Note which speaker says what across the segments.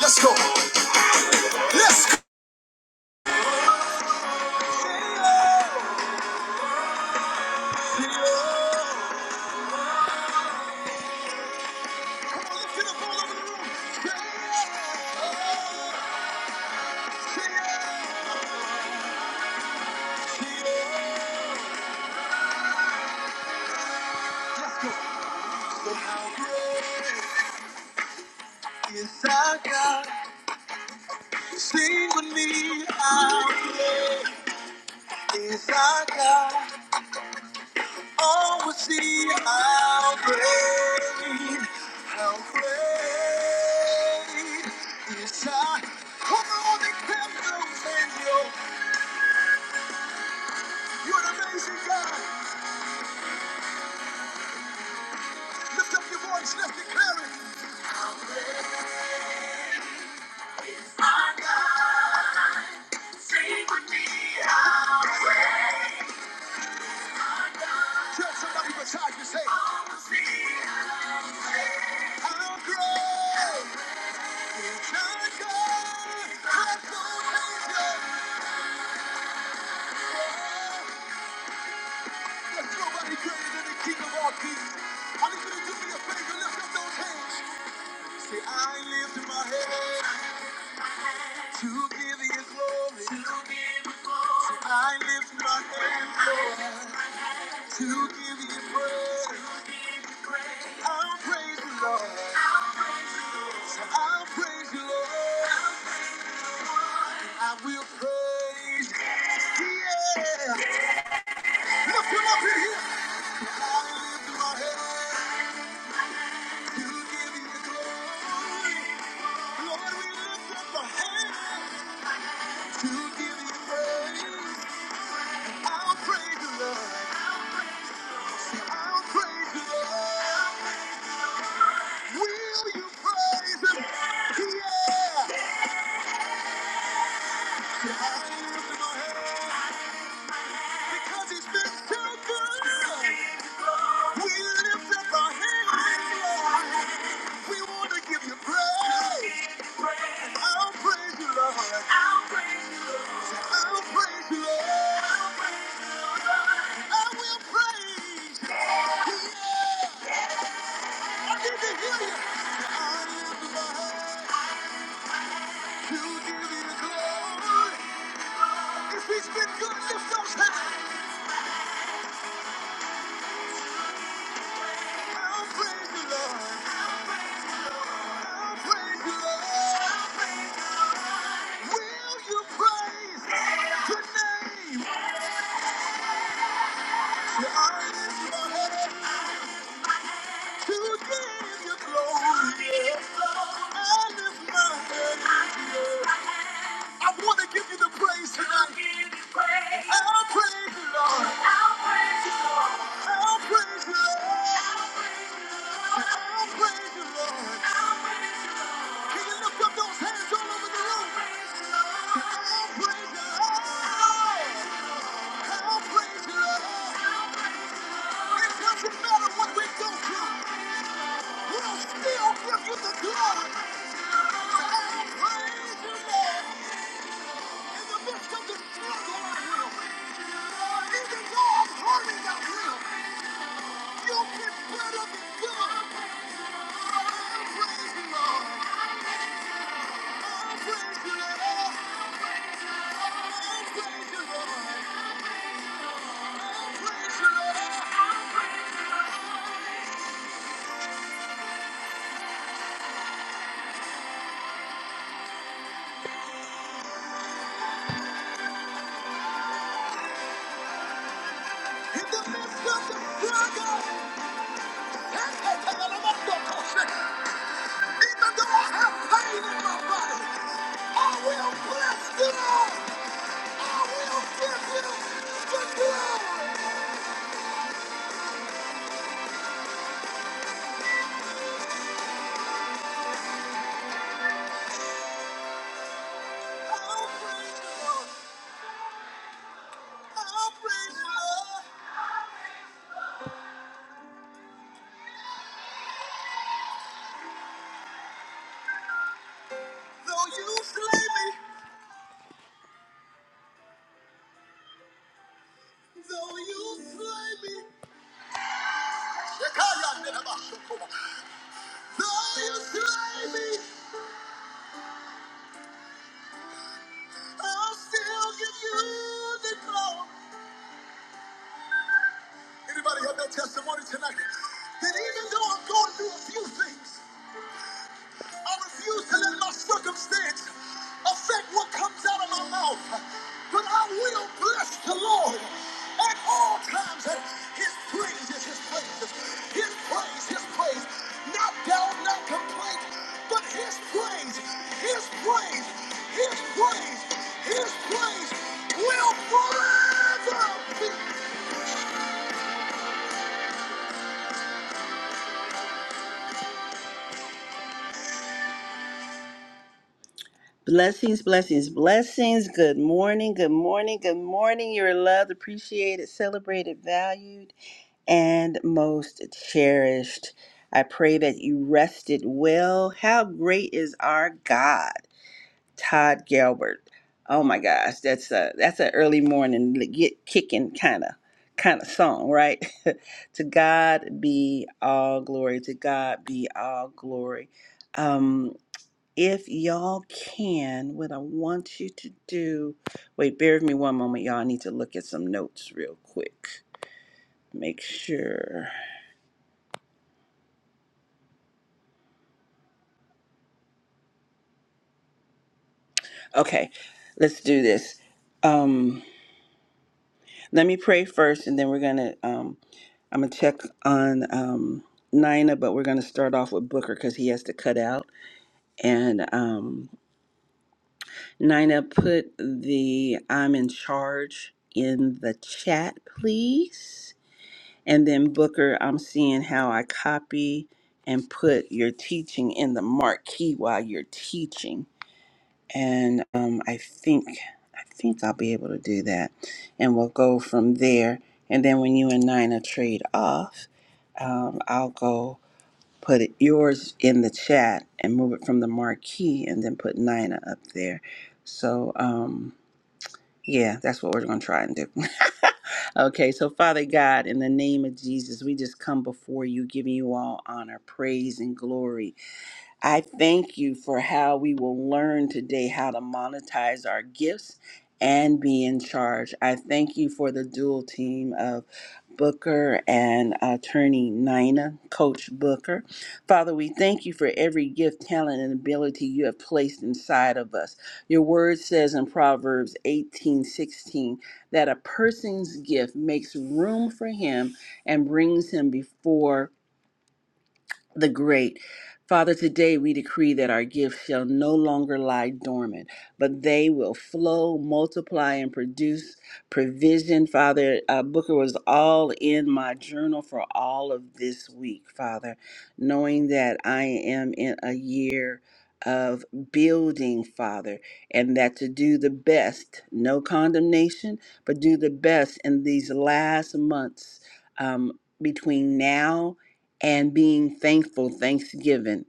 Speaker 1: Let's go. Let's go. Sing with me how is our God. Oh, we'll see how great, how great is our Come on, declare those and yo. You're an amazing God. Lift up your voice, let's declare it. Tell somebody beside you, say, how great. Nobody greater than the King of all kings. I need you to do me a favor, lift up those hands. Say, I lift my hands to give you glory. I lift my hands, Lord, to give you praise. I'll praise you, Lord. I'll praise you, Lord. I will praise. Yeah. Lift him up in here. I lift my hands. To give you glory, Lord, we lift up our hands. To give you praise, I'll praise you, Lord. I'll praise you, Lord. Will you praise Him? Yeah. I lift my hands because He's been so good. We lift up our hands, Lord. We want to give you praise. I'll praise you, Lord. I'll praise you, Lord. I will praise. I lift my head To give you glory, I lift my head. I want to give you the praise tonight. I'll praise you, Lord. I'll praise you, Lord. I'll praise you, Lord. Can you lift up those hands all over the room? I'll praise you, Lord. I'll praise you, Lord. It doesn't matter what we go through. We'll still give you the glory. I'll praise you, Lord. In the midst of the struggle, I will. Even though I have pain in my body, I will bless the I will give him the glory. I'll praise Lord. I'll praise Lord. Though you slay me. Though you slay me, Shekaya Nenabashokova. though you slay me, I'll still give you the glory. Anybody have that testimony tonight? That even though I'm going through a few things, I refuse to let my circumstance affect what comes out of my mouth. But I will bless the Lord at all times. And his praise is his praises. His praise, his praise. Not doubt, not complaint, but his praise, his praise, his praise, his praise will forever be. Blessings, blessings, blessings. Good morning, good morning, good morning. You're loved, appreciated, celebrated, valued. and most cherished. I pray that you rested well. How great is our God, Todd Galbert. Oh my gosh, that's a that's an early morning get kicking kind of kind of song, right? to God be all glory. To God be all glory. Um, if y'all can, what I want you to do. Wait, bear with me one moment, y'all. I need to look at some notes real quick. Make sure. Okay, let's do this. Um, let me pray first, and then we're gonna. Um, I'm gonna check on um, Nina, but we're gonna start off with Booker because he has to cut out. And um, Nina, put the "I'm in charge" in the chat, please. And then Booker, I'm seeing how I copy and put your teaching in the marquee while you're teaching. and um, I think I think I'll be able to do that, and we'll go from there. And then when you and Nina trade off, um, I'll go put yours in the chat and move it from the marquee, and then put Nina up there. So um, yeah, that's what we're gonna try and do. okay, so Father God, in the name of Jesus, we just come before you, giving you all honor, praise, and glory I thank you for how we will learn today how to monetize our gifts and be in charge. I thank you for the dual team of Booker and attorney Nina, Coach Booker. Father, we thank you for every gift, talent, and ability you have placed inside of us. Your word says in Proverbs 18 16 that a person's gift makes room for him and brings him before the great. Father, today we decree that our gifts shall no longer lie dormant, but they will flow, multiply, and produce provision. Father, uh, Booker was all in my journal for all of this week, Father, knowing that I am in a year of building, Father, and that to do the best, no condemnation, but do the best in these last months um, between now and being thankful, thanksgiving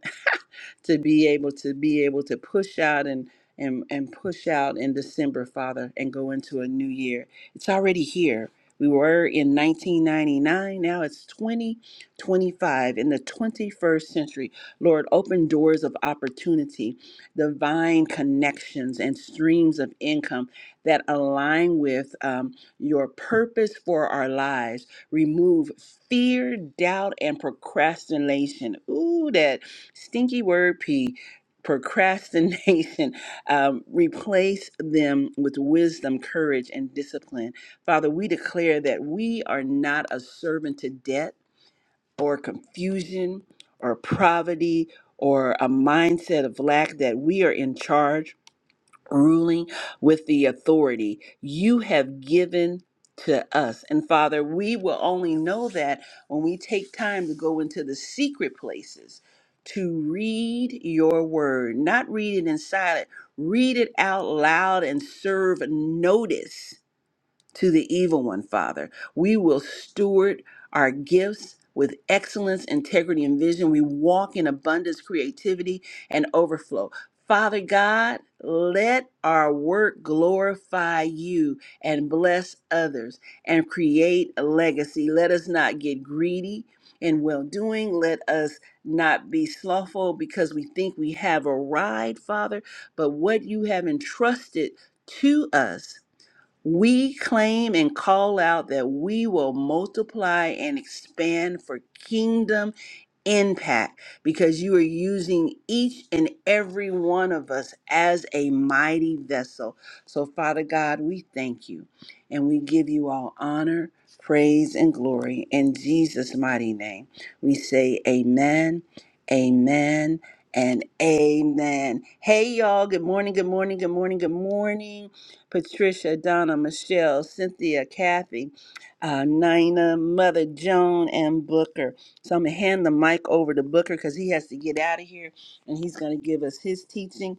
Speaker 1: to be able to be able to push out and and and push out in December, Father, and go into a new year. It's already here. We were in 1999. Now it's 2025 in the 21st century. Lord, open doors of opportunity, divine connections, and streams of income that align with um, your purpose for our lives. Remove fear, doubt, and procrastination. Ooh, that stinky word P, procrastination. Um, replace them with wisdom, courage, and discipline. Father, we declare that we are not a servant to debt or confusion or poverty or a mindset of lack, that we are in charge ruling with the authority you have given to us. And Father, we will only know that when we take time to go into the secret places to read your word, not read it in silence, read it out loud and serve notice to the evil one, Father. We will steward our gifts with excellence, integrity, and vision. We walk in abundance, creativity, and overflow. Father God, let our work glorify you and bless others and create a legacy. Let us not get greedy in well doing. Let us not be slothful because we think we have arrived, Father. But what you have entrusted to us we claim and call out that we will multiply and expand for kingdom impact because you are using each and every one of us as a mighty vessel. So, Father God, we thank you and we give you all honor, praise, and glory. In Jesus' mighty name, we say, Amen, Amen. And amen. Hey, y'all. Good morning. Good morning. Good morning. Good morning. Patricia, Donna, Michelle, Cynthia, Kathy, uh, Nina, Mother Joan, and Booker. So I'm going to hand the mic over to Booker because he has to get out of here and he's going to give us his teaching.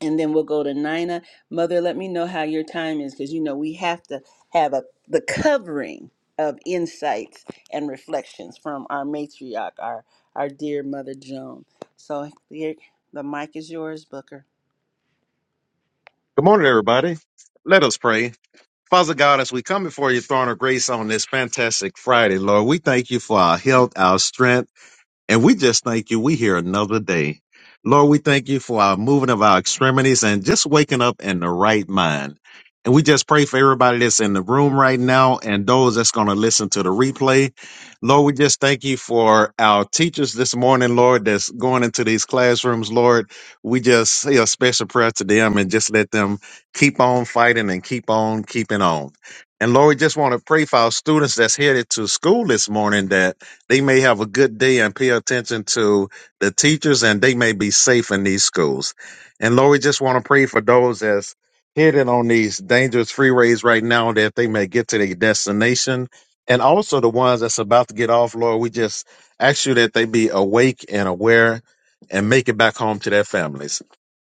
Speaker 1: And then we'll go to Nina. Mother, let me know how your time is because you know we have to have a the covering of insights and reflections from our matriarch, our our dear Mother Joan. So here, the mic is yours, Booker.
Speaker 2: Good morning, everybody. Let us pray. Father God, as we come before your throne of grace on this fantastic Friday, Lord, we thank you for our health, our strength. And we just thank you. We here another day. Lord, we thank you for our moving of our extremities and just waking up in the right mind. And we just pray for everybody that's in the room right now and those that's going to listen to the replay. Lord, we just thank you for our teachers this morning, Lord, that's going into these classrooms, Lord. We just say a special prayer to them and just let them keep on fighting and keep on keeping on. And Lord, we just want to pray for our students that's headed to school this morning that they may have a good day and pay attention to the teachers, and they may be safe in these schools. And Lord, we just want to pray for those that's hidden on these dangerous freeways right now that they may get to their destination. And also the ones that's about to get off, Lord, we just ask you that they be awake and aware and make it back home to their families.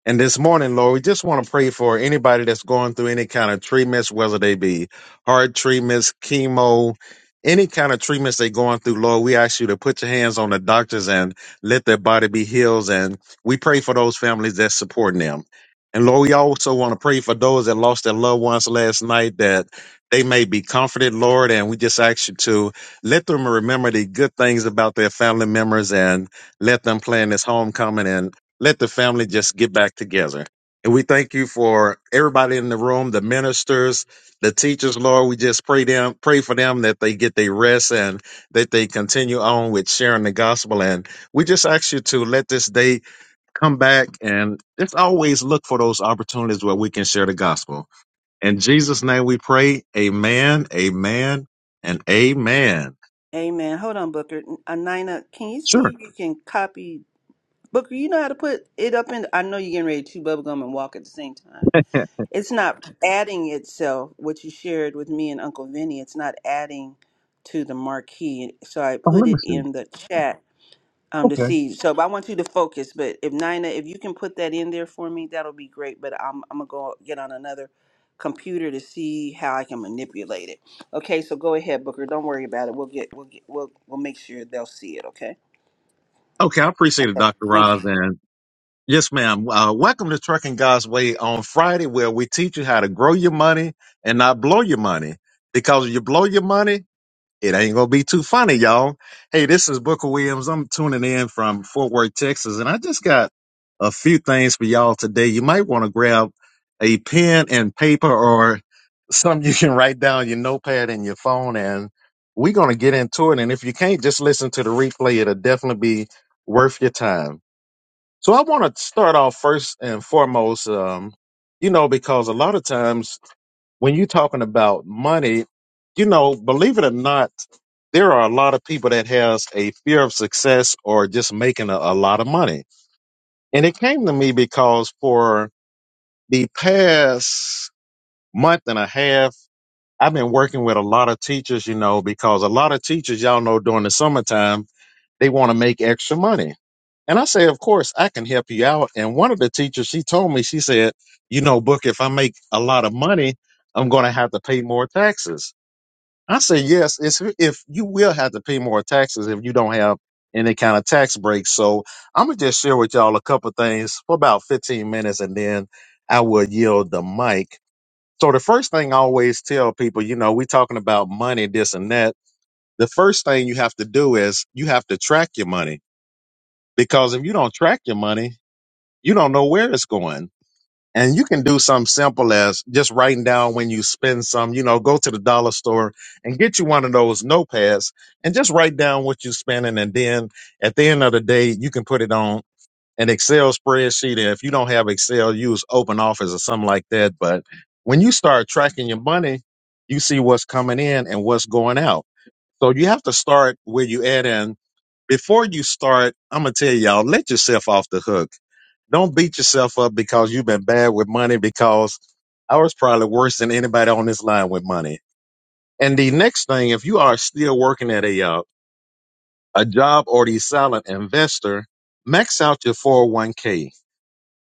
Speaker 2: And this morning, Lord, we just want to pray for anybody that's going through any kind of treatments, whether they be heart treatments, chemo, any kind of treatments they're going through, Lord, we ask you to put your hands on the doctors and let their body be healed. And we pray for those families that's supporting them. And Lord, we also want to pray for those that lost their loved ones last night that they may be comforted, Lord. And we just ask you to let them remember the good things about their family members and let them plan this homecoming let the family just get back together. And we thank you for everybody in the room, the ministers, the teachers, Lord. We just pray them, pray for them that they get their rest and that they continue on with sharing the gospel. And we just ask you to let this day come back and just always look for those opportunities where we can share the gospel. In Jesus' name we pray, amen, amen, and amen.
Speaker 1: Amen. Hold on, Booker. Anina, can you see
Speaker 2: Sure.
Speaker 1: if you can copy? Booker, you know how to put it up in. I know you're getting ready to chew bubble gum and walk at the same time.
Speaker 2: Yeah.
Speaker 1: It's not adding itself, what you shared with me and Uncle Vinny. It's not adding to the marquee. So I
Speaker 2: Oh,
Speaker 1: put
Speaker 2: let me
Speaker 1: it
Speaker 2: see.
Speaker 1: in the chat um to
Speaker 2: Okay.
Speaker 1: see. So but I want you to focus. But if Nina, if you can put that in there for me, that'll be great. But I'm I'm gonna go get on another computer to see how I can manipulate it. Okay, so go ahead, Booker. Don't worry about it. We'll get we'll get we'll we'll make sure they'll see it, okay?
Speaker 2: Okay, I appreciate it, Dr.
Speaker 1: Thank you.
Speaker 2: Roz, and Yes, ma'am. Uh, welcome to Trucking God's Way on Friday, where we teach you how to grow your money and not blow your money. Because if you blow your money, it ain't gonna be too funny, y'all. Hey, this is Booker Williams. I'm tuning in from Fort Worth, Texas, and I just got a few things for y'all today. You might want to grab a pen and paper or something you can write down your notepad and your phone, and we're gonna get into it. And if you can't, just listen to the replay. It'll definitely be worth your time. So I want to start off first and foremost, um, you know, because a lot of times when you're talking about money, you know, believe it or not, there are a lot of people that has a fear of success or just making a, a lot of money. And it came to me because for the past month and a half, I've been working with a lot of teachers, you know, because a lot of teachers, y'all know, during the summertime, they want to make extra money. And I say, of course, I can help you out. And one of the teachers, she told me, she said, you know, Book, if I make a lot of money, I'm going to have to pay more taxes. I say, yes, it's, if you will have to pay more taxes if you don't have any kind of tax breaks. So I'm going to just share with y'all a couple of things for about 15 minutes and then I will yield the mic. So the first thing I always tell people, you know, we're talking about money, this and that. The first thing you have to do is you have to track your money because if you don't track your money, you don't know where it's going. And you can do something simple as just writing down when you spend some, you know, go to the dollar store and get you one of those notepads and just write down what you're spending. And then at the end of the day, you can put it on an Excel spreadsheet. And if you don't have Excel, use open office or something like that. But when you start tracking your money, you see what's coming in and what's going out. So you have to start where you add in. Before you start, I'm going to tell y'all, let yourself off the hook don't beat yourself up because you've been bad with money because I was probably worse than anybody on this line with money. And the next thing, if you are still working at a uh, a job or the silent investor, max out your 401k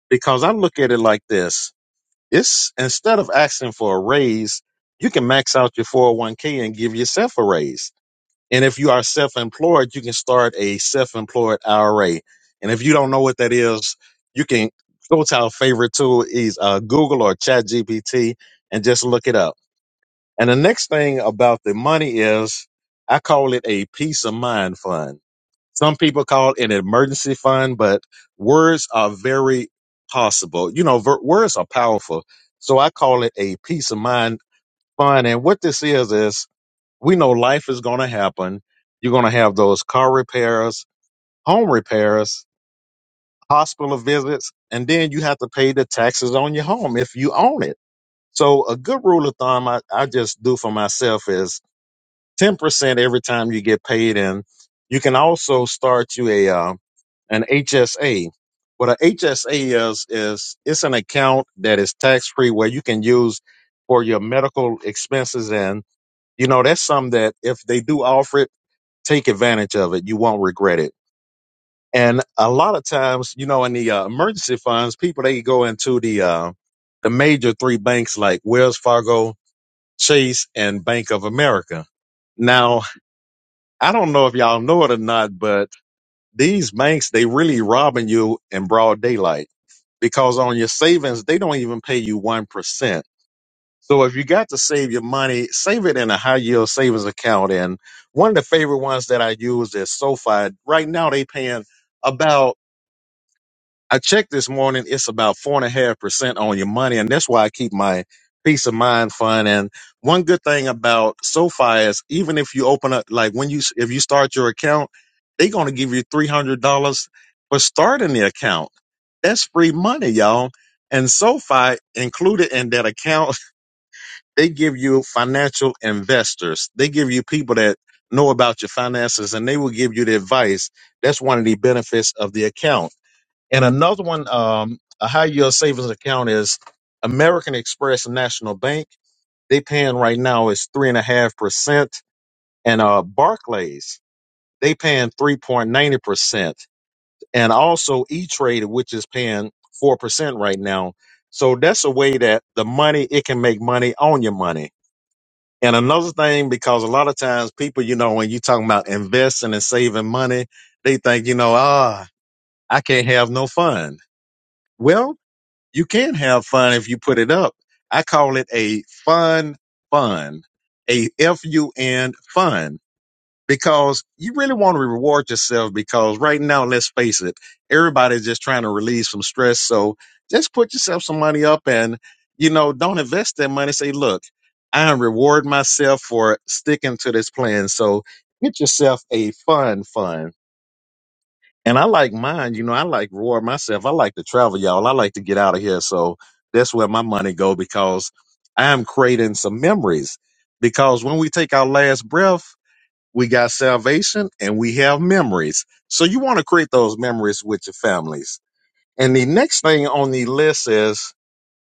Speaker 2: because I look at it like this. It's instead of asking for a raise, you can max out your 401k and give yourself a raise and if you are self employed, you can start a self employed IRA. And if you don't know what that is, you can go to our favorite tool is uh, Google or Chat GPT and just look it up. And the next thing about the money is I call it a peace of mind fund. Some people call it an emergency fund, but words are very possible. You know, ver- words are powerful. So I call it a peace of mind fund. And what this is, is we know life is going to happen. You're going to have those car repairs, home repairs, hospital visits, and then you have to pay the taxes on your home if you own it. So, a good rule of thumb I, I just do for myself is 10% every time you get paid in. You can also start you a uh, an HSA. What a HSA is is it's an account that is tax free where you can use for your medical expenses and you know that's something that if they do offer it take advantage of it. You won't regret it. And a lot of times, you know, in the uh, emergency funds, people they go into the uh, the major three banks like Wells Fargo, Chase, and Bank of America. Now, I don't know if y'all know it or not, but these banks they really robbing you in broad daylight because on your savings they don't even pay you one percent So if you got to save your money, save it in a high yield savings account. And one of the favorite ones that I use is SoFi. Right now they paying about I checked this morning, it's about four and a half percent on your money, and that's why I keep my peace of mind fund. And one good thing about SoFi is even if you open up like when you if you start your account, they're gonna give you three hundred dollars for starting the account. That's free money, y'all. And SoFi included in that account they give you financial investors. They give you people that know about your finances and they will give you the advice. That's one of the benefits of the account. And another one, um, a high yield savings account is American Express National Bank. They paying right now is three and a half percent. And uh Barclays, they paying three point ninety percent. And also E Trade, which is paying four percent right now. So that's a way that the money it can make money on your money and another thing, because a lot of times people, you know, when you talking about investing and saving money, they think, you know, ah, I can't have no fun. Well, you can have fun if you put it up. I call it a fun fund, a F U N fund because you really want to reward yourself because right now, let's face it, everybody's just trying to release some stress. So just put yourself some money up and, you know, don't invest that money. Say, look, I reward myself for sticking to this plan. So get yourself a fun fun. And I like mine, you know, I like reward myself. I like to travel, y'all. I like to get out of here. So that's where my money go because I am creating some memories. Because when we take our last breath, we got salvation and we have memories. So you want to create those memories with your families. And the next thing on the list is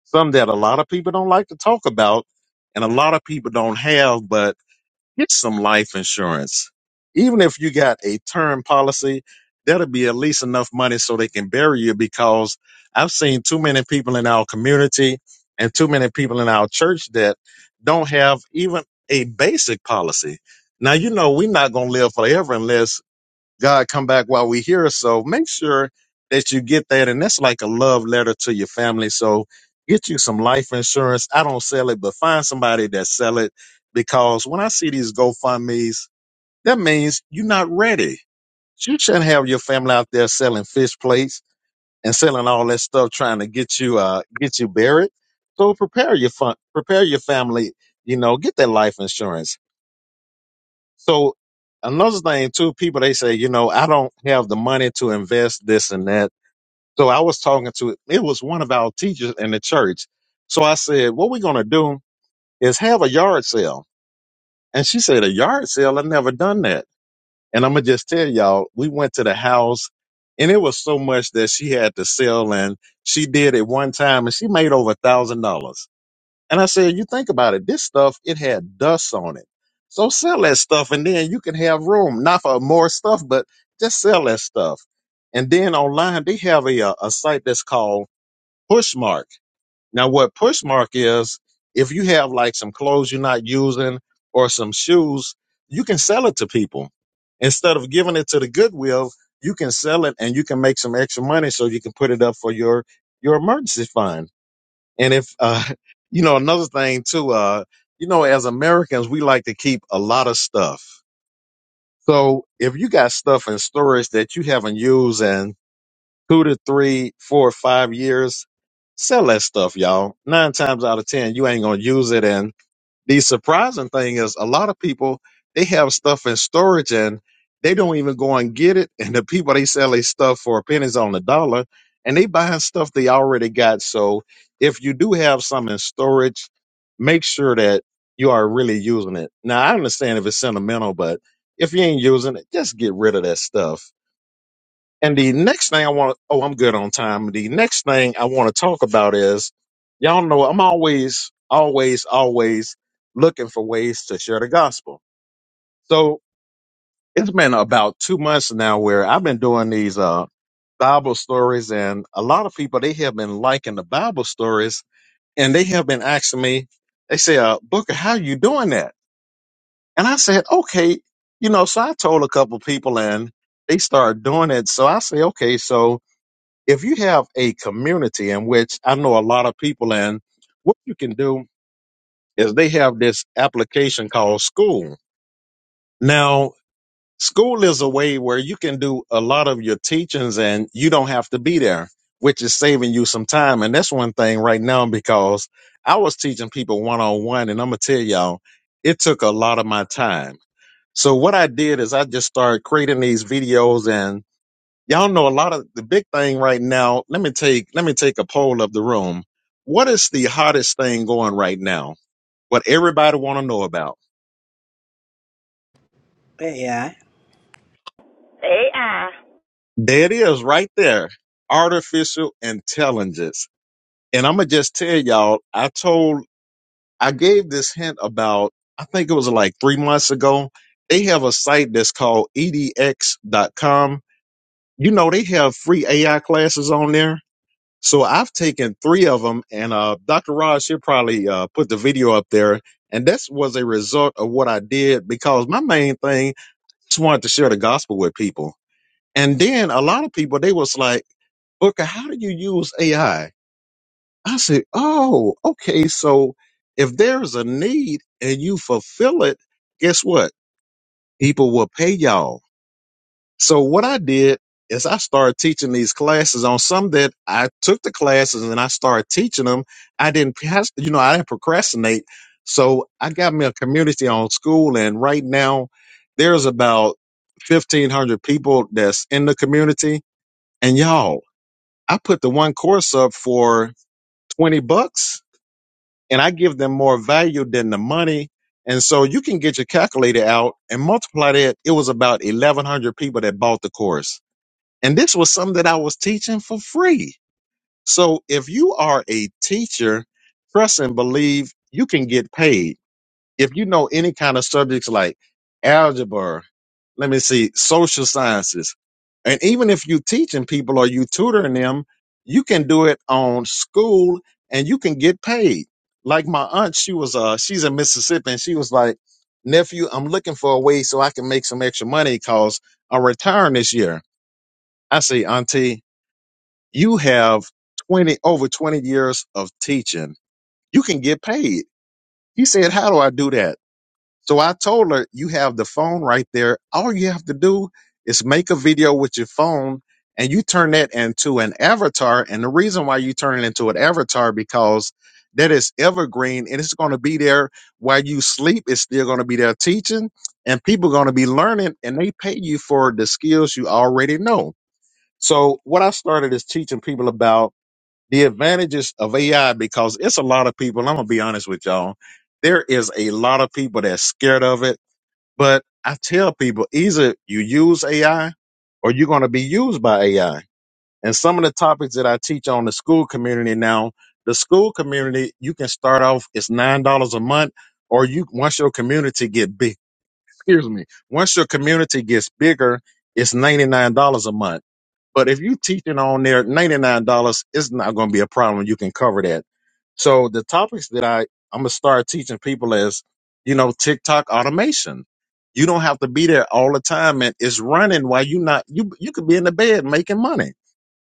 Speaker 2: something that a lot of people don't like to talk about and a lot of people don't have, but Get some life insurance. Even if you got a term policy, that'll be at least enough money so they can bury you because I've seen too many people in our community and too many people in our church that don't have even a basic policy. Now, you know, we're not going to live forever unless God come back while we here. So make sure that you get that. And that's like a love letter to your family. So get you some life insurance. I don't sell it, but find somebody that sell it because when I see these GoFundMe's, that means you're not ready. You shouldn't have your family out there selling fish plates and selling all that stuff trying to get you, uh, get you buried. So prepare your fun, prepare your family, you know, get that life insurance so another thing too, people they say, you know, I don't have the money to invest this and that. So I was talking to it was one of our teachers in the church. So I said, what we're gonna do is have a yard sale. And she said, a yard sale? I've never done that. And I'm gonna just tell y'all, we went to the house and it was so much that she had to sell and she did it one time and she made over a thousand dollars. And I said, you think about it, this stuff, it had dust on it. So sell that stuff and then you can have room, not for more stuff, but just sell that stuff. And then online, they have a, uh, a site that's called Pushmark. Now, what Pushmark is, if you have like some clothes you're not using or some shoes, you can sell it to people. Instead of giving it to the Goodwill, you can sell it and you can make some extra money so you can put it up for your, your emergency fund. And if uh, you know another thing too, uh, you know, as Americans, we like to keep a lot of stuff. So if you got stuff in storage that you haven't used in two to three, four, or five years, sell that stuff, y'all. Nine times out of ten, you ain't gonna use it, and the surprising thing is a lot of people they have stuff in storage and they don't even go and get it. And the people they sell their stuff for pennies on the dollar and they buying stuff they already got. So if you do have some in storage, make sure that you are really using it. Now I understand if it's sentimental, but if you ain't using it, just get rid of that stuff and the next thing I want to, oh, I'm good on time. The next thing I want to talk about is y'all know I'm always, always, always looking for ways to share the gospel. So it's been about two months now where I've been doing these, uh, Bible stories and a lot of people, they have been liking the Bible stories and they have been asking me, they say, uh, Booker, how you doing that? And I said, okay, you know, so I told a couple people and they started doing it. So I say, okay, so if you have a community in which I know a lot of people in, what you can do is they have this application called school. Now, school is a way where you can do a lot of your teachings and you don't have to be there, which is saving you some time. And that's one thing right now because I was teaching people one on one, and I'm going to tell y'all, it took a lot of my time. So, what I did is I just started creating these videos and. Y'all know a lot of the big thing right now. Let me take let me take a poll of the room. What is the hottest thing going right now? What everybody want to know about?
Speaker 1: Yeah.
Speaker 3: AI.
Speaker 2: There it is, right there. Artificial intelligence. And I'm gonna just tell y'all. I told I gave this hint about I think it was like three months ago. They have a site that's called edx.com. You know they have free AI classes on there So I've taken three of them, and uh, Dr. Raj should probably uh, put the video up there. And this was a result of what I did because my main thing just wanted to share the gospel with people. And then a lot of people they was like, "Booker, how do you use AI?" I I said, "Oh, okay. So if there's a need and you fulfill it, guess what? People will pay y'all." So what I did is I started teaching these classes on some that I took the classes and I started teaching them. I didn't, pas- you know, I didn't procrastinate. So I got me a community on school and right now there's about 1500 people that's in the community. And y'all, I put the one course up for 20 bucks and I give them more value than the money. And so you can get your calculator out and multiply that. It was about 1100 people that bought the course and this was something that I was teaching for free. So if you are a teacher, trust and believe you can get paid. If you know any kind of subjects like algebra, let me see, social sciences, and even if you're teaching people or you tutoring them, you can do it on school and you can get paid. Like my aunt, she was uh she's in Mississippi and she was like, nephew, I'm looking for a way so I can make some extra money because I'm retiring this year. I say, auntie, you have 20 over 20 years of teaching you can get paid he said how do i do that so i told her you have the phone right there all you have to do is make a video with your phone and you turn that into an avatar and the reason why you turn it into an avatar because that is evergreen and it's going to be there while you sleep it's still going to be there teaching and people are going to be learning and they pay you for the skills you already know so what i started is teaching people about the advantages of AI because it's a lot of people. I'm gonna be honest with y'all. There is a lot of people that's scared of it, but I tell people either you use AI or you're gonna be used by AI. And some of the topics that I teach on the school community now, the school community, you can start off it's nine dollars a month, or you once your community get big. Excuse me. Once your community gets bigger, it's ninety nine dollars a month but if you teaching on there $99, it's not going to be a problem. You can cover that. So the topics that I, I'm going to start teaching people is, you know, TikTok automation. You don't have to be there all the time and it's running while you not, you, you could be in the bed making money.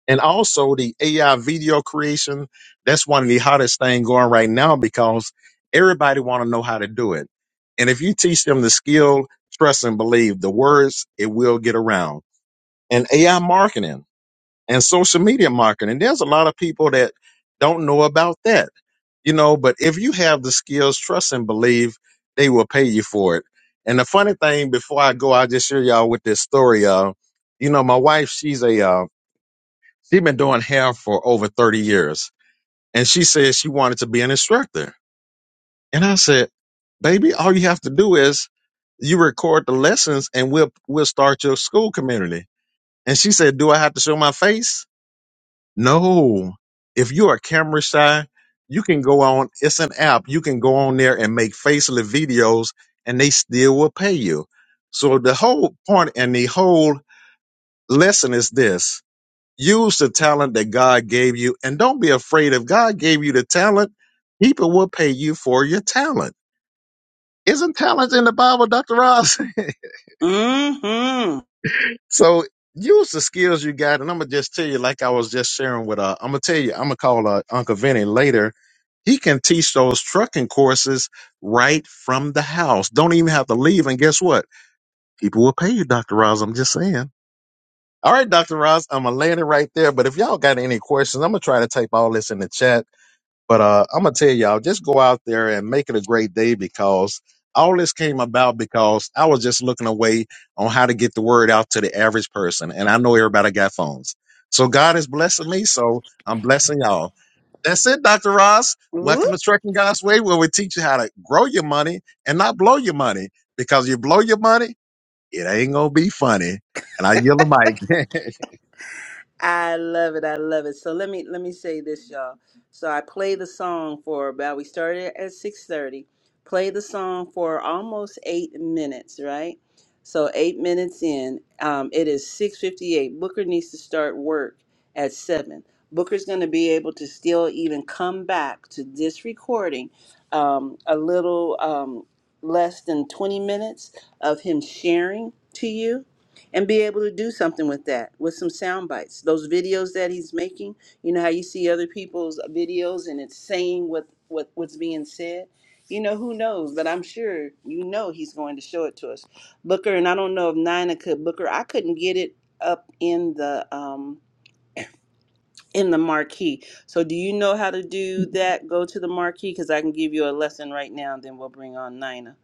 Speaker 2: And also the AI video creation. That's one of the hottest thing going right now because everybody want to know how to do it. And if you teach them the skill, trust and believe the words, it will get around and AI marketing and social media marketing. There's a lot of people that don't know about that, you know, but if you have the skills, trust and believe, they will pay you for it. And the funny thing, before I go, I'll just share y'all with this story. Uh, you know, my wife, she's a, uh, she's been doing hair for over 30 years and she said she wanted to be an instructor. And I said, baby, all you have to do is you record the lessons and we'll, we'll start your school community. And she said, do I have to show my face? No. If you're camera shy, you can go on, it's an app. You can go on there and make faceless videos and they still will pay you. So the whole point and the whole lesson is this. Use the talent that God gave you and don't be afraid. If God gave you the talent, people will pay you for your talent. Isn't talent in the Bible, Dr. Ross?
Speaker 1: Mm-hmm.
Speaker 2: So use the skills you got, and I'm gonna just tell you, like I was just sharing with uh, I'm gonna tell you, I'm gonna call uh, Uncle Vinny later. He can teach those trucking courses right from the house. Don't even have to leave. And guess what? People will pay you, Dr. Roz. I'm just saying. All right, Dr. Roz, I'm gonna land it right there. But if y'all got any questions, I'm gonna try to type all this in the chat. But uh, I'm gonna tell y'all, just go out there and make it a great day because all this came about because I was just looking away on how to get the word out to the average person, and I know everybody got phones. So God is blessing me, so I'm blessing y'all. That's it, Dr. Ross. Welcome to Trucking God's Way, where we teach you how to grow your money and not blow your money. Because you blow your money, it ain't gonna be funny. And I yield the mic.
Speaker 1: I love it. I love it. So let me let me say this, y'all. So I played the song for about we started at six thirty. Played the song for almost eight minutes, right? So eight minutes in, um, it is six fifty eight. Booker needs to start work at seven. Booker's going to be able to still even come back to this recording um, a little um, less than twenty minutes of him sharing to you and be able to do something with that with some sound bites those videos that he's making you know how you see other people's videos and it's saying what, what what's being said you know who knows but i'm sure you know he's going to show it to us booker and i don't know if nina could booker i couldn't get it up in the um in the marquee so do you know how to do that go to the marquee because i can give you a lesson right now then we'll bring on nina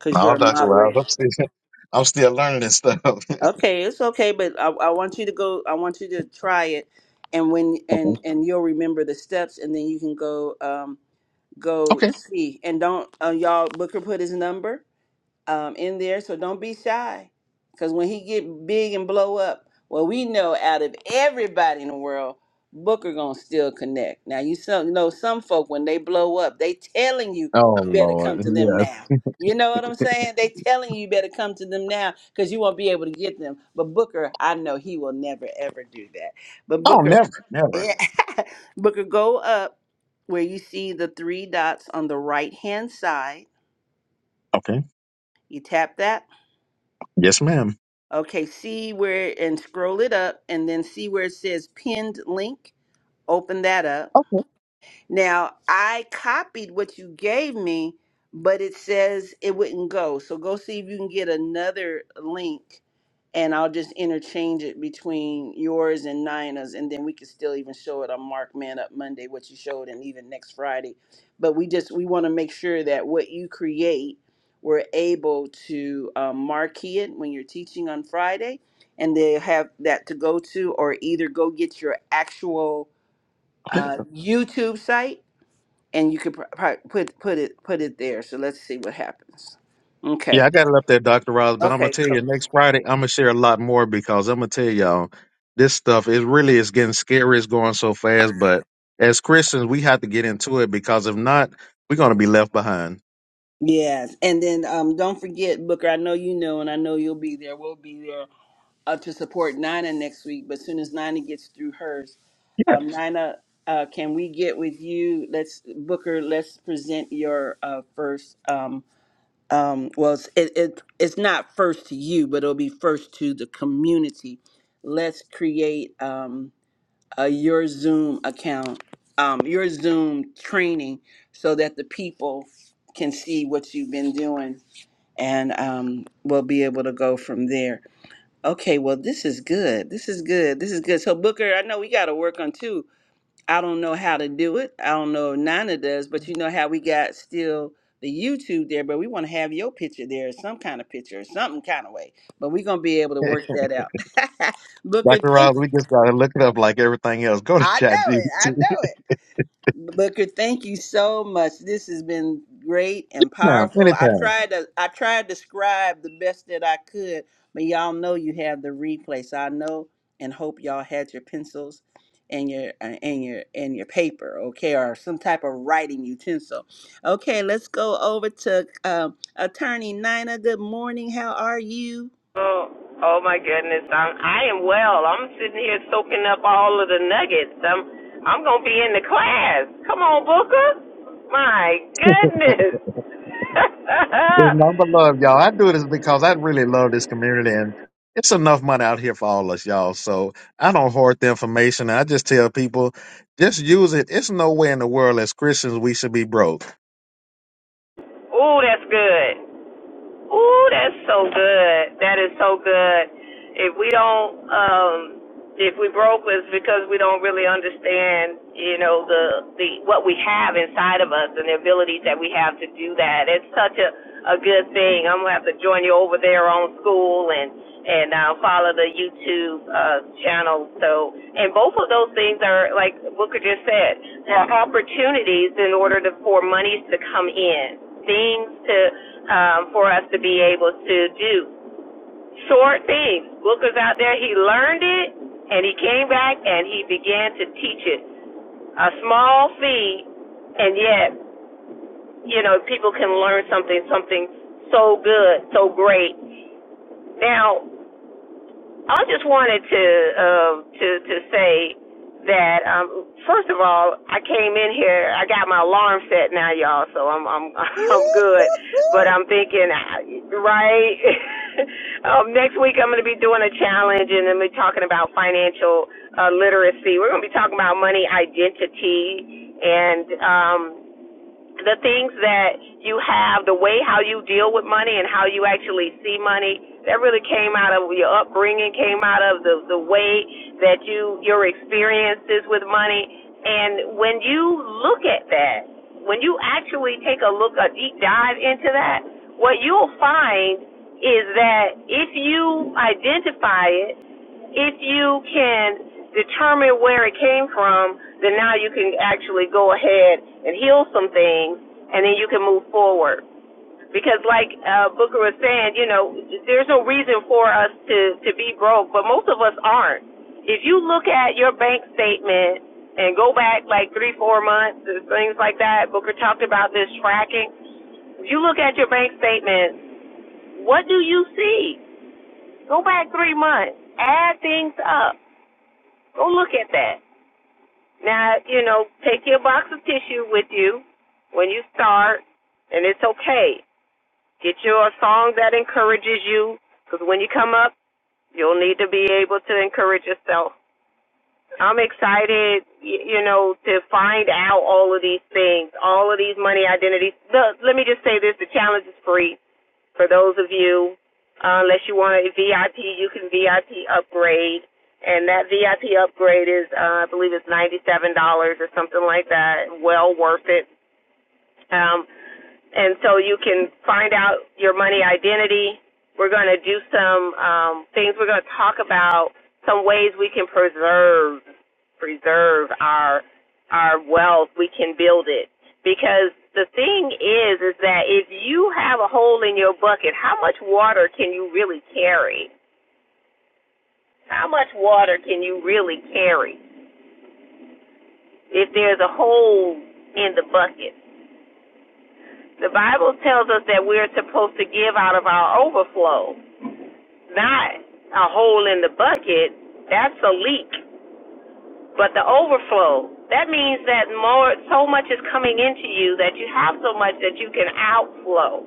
Speaker 1: you're
Speaker 2: no,
Speaker 1: a
Speaker 2: Dr. Ross,
Speaker 1: moderator
Speaker 2: I'm still, I'm still learning this stuff.
Speaker 1: Okay, it's okay, but I, I want you to go. I want you to try it, and when
Speaker 2: okay.
Speaker 1: and and you'll remember the steps, and then you can go um go
Speaker 2: Okay.
Speaker 1: see. And don't uh, y'all Booker put his number um, in there. So don't be shy, because when he get big and blow up, well, we know out of everybody in the world, Booker gonna still connect. Now you some, know some folk when they blow up, they telling you
Speaker 2: Oh
Speaker 1: you better come
Speaker 2: Lord,
Speaker 1: to
Speaker 2: yeah.
Speaker 1: them now. You know what I'm saying? They telling you you better come to them now because you won't be able to get them. But Booker, I know he will never ever do that. But
Speaker 2: Oh,
Speaker 1: Booker,
Speaker 2: never, never.
Speaker 1: Booker, go up where you see the three dots on the right hand side.
Speaker 2: Okay.
Speaker 1: You tap that
Speaker 2: Yes, ma'am.
Speaker 1: Okay, see where and scroll it up and then see where it says pinned link. Open that up.
Speaker 2: Okay.
Speaker 1: Now, I copied what you gave me, but it says it wouldn't go. So go see if you can get another link and I'll just interchange it between yours and Nina's and then we can still even show it on Mark Man Up Monday what you showed and even next Friday. But we just we want to make sure that what you create we're able to um, marquee it when you're teaching on Friday and they have that to go to or either go get your actual
Speaker 2: Okay.
Speaker 1: uh, YouTube site and you could pr- pri- put put it put it there. So let's see what happens.
Speaker 2: Yeah,
Speaker 1: Okay.
Speaker 2: I got it up there, Dr. Ross, but I'm gonna
Speaker 1: Okay.
Speaker 2: tell
Speaker 1: Cool.
Speaker 2: you next Friday I'm gonna share a lot more because I'm gonna tell y'all this stuff is really is getting scary, it's going so fast, but as Christians we have to get into it because if not, we're gonna be left behind.
Speaker 1: Yes, and then um, don't forget Booker. I know you know, and I know you'll be there. We'll be there uh, to support Nina next week. But as soon as Nina gets through hers,
Speaker 2: Yeah.
Speaker 1: um, Nina, uh, can we get with you? Let's Booker. Let's present your uh, first. Um, um, well, it's, it, it it's not first to you, but it'll be first to the community. Let's create. Um, uh, your Zoom account, um, your Zoom training, so that the people can see what you've been doing and um, we'll be able to go from there. Okay, well, this is good. This is good. This is good. So, Booker, I know we got to work on two. I don't know how to do it. I don't know if Nana does, but you know how we got still the YouTube there, but we want to have your picture there, some kind of picture, some kind of way. But we're going to be able to work that out. Booker,
Speaker 2: Dr. Ross,
Speaker 1: thank
Speaker 2: we
Speaker 1: you.
Speaker 2: just gotta look it up like everything else. Go to
Speaker 1: I know
Speaker 2: ChatGPT
Speaker 1: it. I know it. Booker, thank you so much. This has been great and
Speaker 2: now,
Speaker 1: powerful. I
Speaker 2: anytime.
Speaker 1: tried to I tried to describe the best that I could, but y'all know you have the replay, so I know and hope y'all had your pencils and your uh, and your and your paper, okay, or some type of writing utensil. Okay, let's go over to um, Attorney Nina. Good morning. How are you?
Speaker 3: Oh, oh my goodness. I'm, I am well. I'm sitting here soaking up all of the nuggets. I'm, I'm going to be in the class. Come on, Booker. My goodness.
Speaker 2: It's number love, y'all. I do this because I really love this community, and it's enough money out here for all us, y'all. So I don't hoard the information. I just tell people, just use it. It's no way in the world as Christians we should be broke.
Speaker 3: oh, that's good. Ooh, that's so good. That is so good. If we don't, um, if we broke, it's because we don't really understand, you know, the the what we have inside of us and the abilities that we have to do that. It's such a a good thing. I'm gonna have to join you over there on school and and um, follow the YouTube uh, channel. So, and both of those things are like Booker just said, are opportunities in order to, for monies to come in, things to um, for us to be able to do. Short things. Booker's out there. He learned it, and he came back and he began to teach it. A small fee, and yet you know people can learn something, something so good, so great. Now, I just wanted to um to to say that um first of all, I came in here. I got my alarm set now, y'all, so I'm I'm I'm good. But I'm thinking, right? um, next week I'm going to be doing a challenge, and then we're talking about financial uh, literacy. We're going to be talking about money identity and um the things that you have, the way how you deal with money and how you actually see money, that really came out of your upbringing, came out of the the way that you your experiences with money. And when you look at that, when you actually take a look, a deep dive into that, what you'll find is that if you identify it if you can determine where it came from, then now you can actually go ahead and heal some things, and then you can move forward. Because, like uh, Booker was saying, you know, there's no reason for us to to be broke, but most of us aren't. If you look at your bank statement and go back like three, four months, and things like that, Booker talked about this tracking. If you look at your bank statement, what do you see? Go back three months, add things up Go look at that. Now, you know, take your box of tissue with you when you start, and it's okay. Get your song that encourages you, because when you come up, you'll need to be able to encourage yourself. I'm excited, you know, to find out all of these things, all of these money identities. Look, let me just say this: the challenge is free. For those of you, uh, unless you want a VIP, you can VIP upgrade, and that VIP upgrade is, uh, I believe, it's ninety-seven dollars or something like that. Well worth it. Um, and so you can find out your money identity. We're going to do some um, things. We're going to talk about some ways we can preserve preserve our our wealth. We can build it because the thing is is that if you have a hole in your bucket, how much water can you really carry? How much water can you really carry if there's a hole in the bucket? The Bible tells us that we're supposed to give out of our overflow. not a hole in the bucket. That's a leak. But the overflow, that means that more, so much is coming into you that you have so much that you can outflow.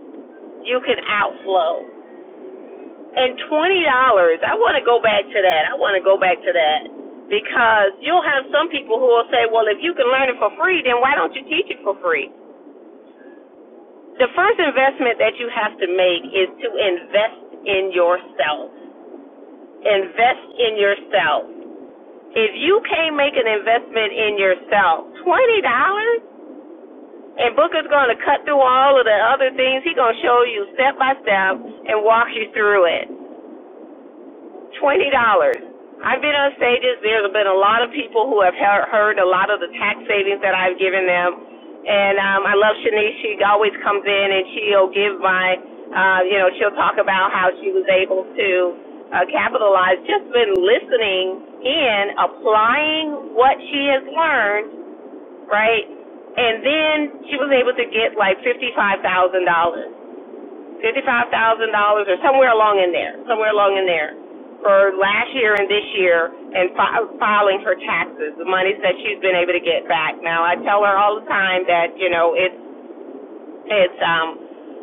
Speaker 3: You can outflow. And $20, I want to go back to that. I want to go back to that because you'll have some people who will say, well, if you can learn it for free, then why don't you teach it for free? The first investment that you have to make is to invest in yourself. Invest in yourself. If you can't make an investment in yourself, twenty dollars, and Booker's going to cut through all of the other things. He's going to show you step by step and walk you through it. Twenty dollars. I've been on stages. There's been a lot of people who have heard, a lot of the tax savings that I've given them, and um, I love Shanice. She always comes in and she'll give my, uh, you know, she'll talk about how she was able to uh, capitalize. Just been listening in, applying what she has learned, right? And then she was able to get like fifty-five thousand dollars fifty-five thousand dollars or somewhere along in there, somewhere along in there, for last year and this year, and fi- filing her taxes, the monies that she's been able to get back. Now I tell her all the time that you know it's it's um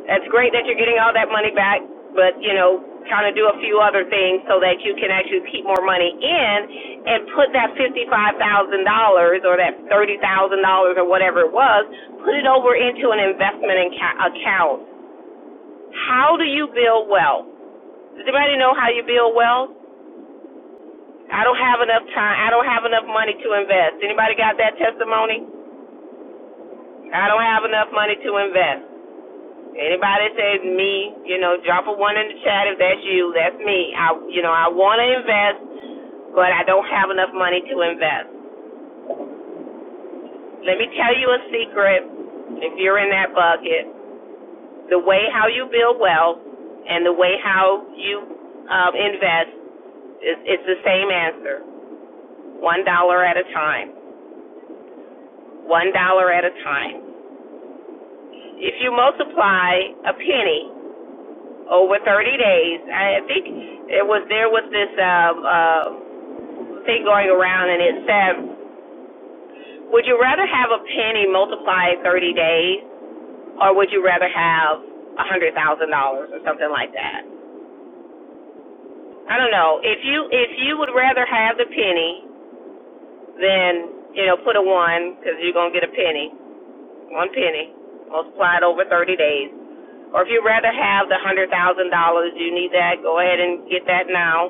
Speaker 3: it's great that you're getting all that money back, but you know kind of do a few other things so that you can actually keep more money in and put that fifty-five thousand dollars or that thirty thousand dollars or whatever it was, put it over into an investment account how do you build wealth? Does anybody know how you build wealth? I don't have enough time. I don't have enough money to invest. Anybody got that testimony? I don't have enough money to invest. Anybody says me, you know, drop a one in the chat if that's you. That's me. I, you know, I want to invest, but I don't have enough money to invest. Let me tell you a secret. If you're in that bucket, the way how you build wealth and the way how you um, invest is it's the same answer one dollar at a time, one dollar at a time. If you multiply a penny over 30 days, I think it was there was this um, uh, thing going around, and it said, would you rather have a penny multiplied 30 days, or would you rather have a hundred thousand dollars or something like that? I don't know. If you if you would rather have the penny, then you know put a one because you're gonna get a penny, one penny multiplied over 30 days Or if you'd rather have the one hundred thousand dollars, you need that. Go ahead and get that now.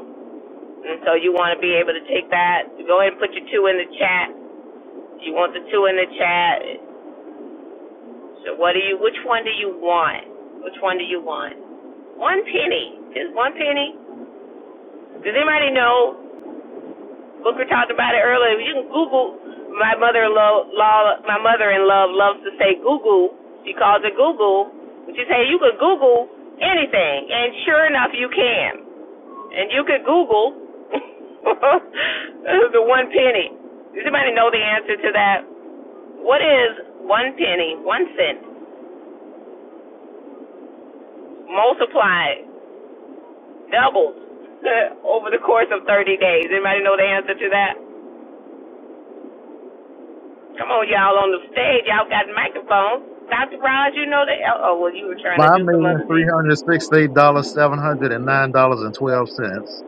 Speaker 3: And so you want to be able to take that. Go ahead and put your two in the chat. You want the two in the chat. So what do you? Which one do you want? Which one do you want? One penny. Just one penny. Does anybody know? Booker talked about it earlier. You can Google. My mother-in-law, my mother-in-law loves to say Google. She calls it Google. But you say you can Google anything, and sure enough, you can. And you could Google the one penny. Does anybody know the answer to that? What is one penny, one cent, multiplied, doubled over the course of 30 days? Anybody know the answer to that? Come on, y'all on the stage. Y'all got microphones. Dr. Raj, you know that. Oh, well, you were trying to
Speaker 2: Five
Speaker 3: do some
Speaker 2: million
Speaker 3: other
Speaker 2: three
Speaker 3: thing.
Speaker 2: hundred sixty-eight dollars seven hundred and nine dollars and twelve cents.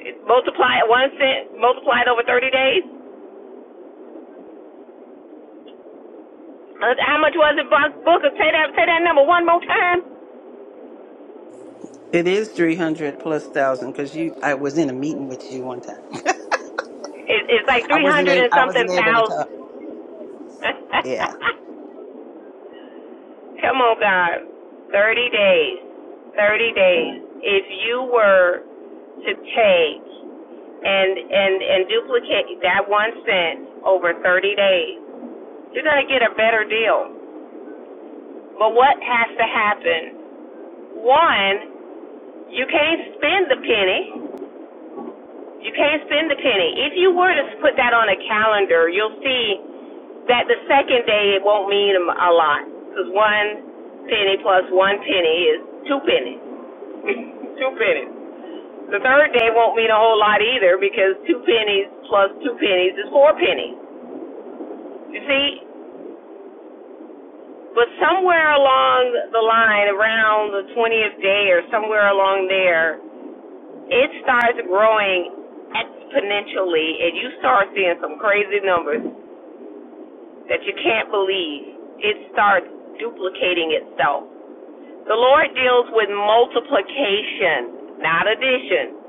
Speaker 3: It multiplied one cent, multiplied over 30 days. Uh, How much was it, Booker? Say that, say that number one more time.
Speaker 1: It is three hundred plus thousand because you. I was in a meeting with you one time.
Speaker 3: It, it's like
Speaker 1: I
Speaker 3: 300
Speaker 1: wasn't able.
Speaker 3: and
Speaker 1: I
Speaker 3: something
Speaker 1: wasn't able to
Speaker 3: thousand
Speaker 1: talk. Yeah.
Speaker 3: Come on, God. 30 days. 30 days. If you were to take and and and duplicate that 1 cent over 30 days, you're going to get a better deal. But what has to happen? One, you can't spend the penny. You can't spend the penny. If you were to put that on a calendar, you'll see that the second day it won't mean a lot. 'Cause one penny plus one penny is two pennies. two pennies. The third day won't mean a whole lot either because two pennies plus two pennies is four pennies. You see, but somewhere along the line, around the 20th day or somewhere along there, it starts growing exponentially and you start seeing some crazy numbers that you can't believe. It starts duplicating itself. The Lord deals with multiplication, not addition,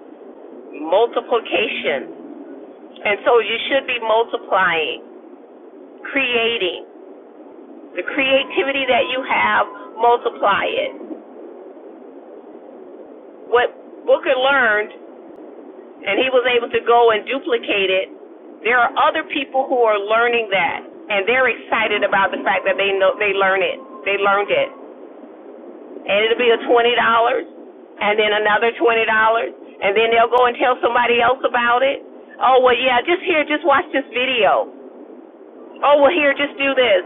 Speaker 3: multiplication And so you should be multiplying, creating. The creativity that you have, multiply it. What Booker learned, and he was able to go and duplicate it, there are other people who are learning that, and they're excited about the fact that they know they learn it. They learned it. And it'll be a $20, and then another $20, and then they'll go and tell somebody else about it. Oh, well, yeah, just here, just watch this video. Oh, well, here, just do this.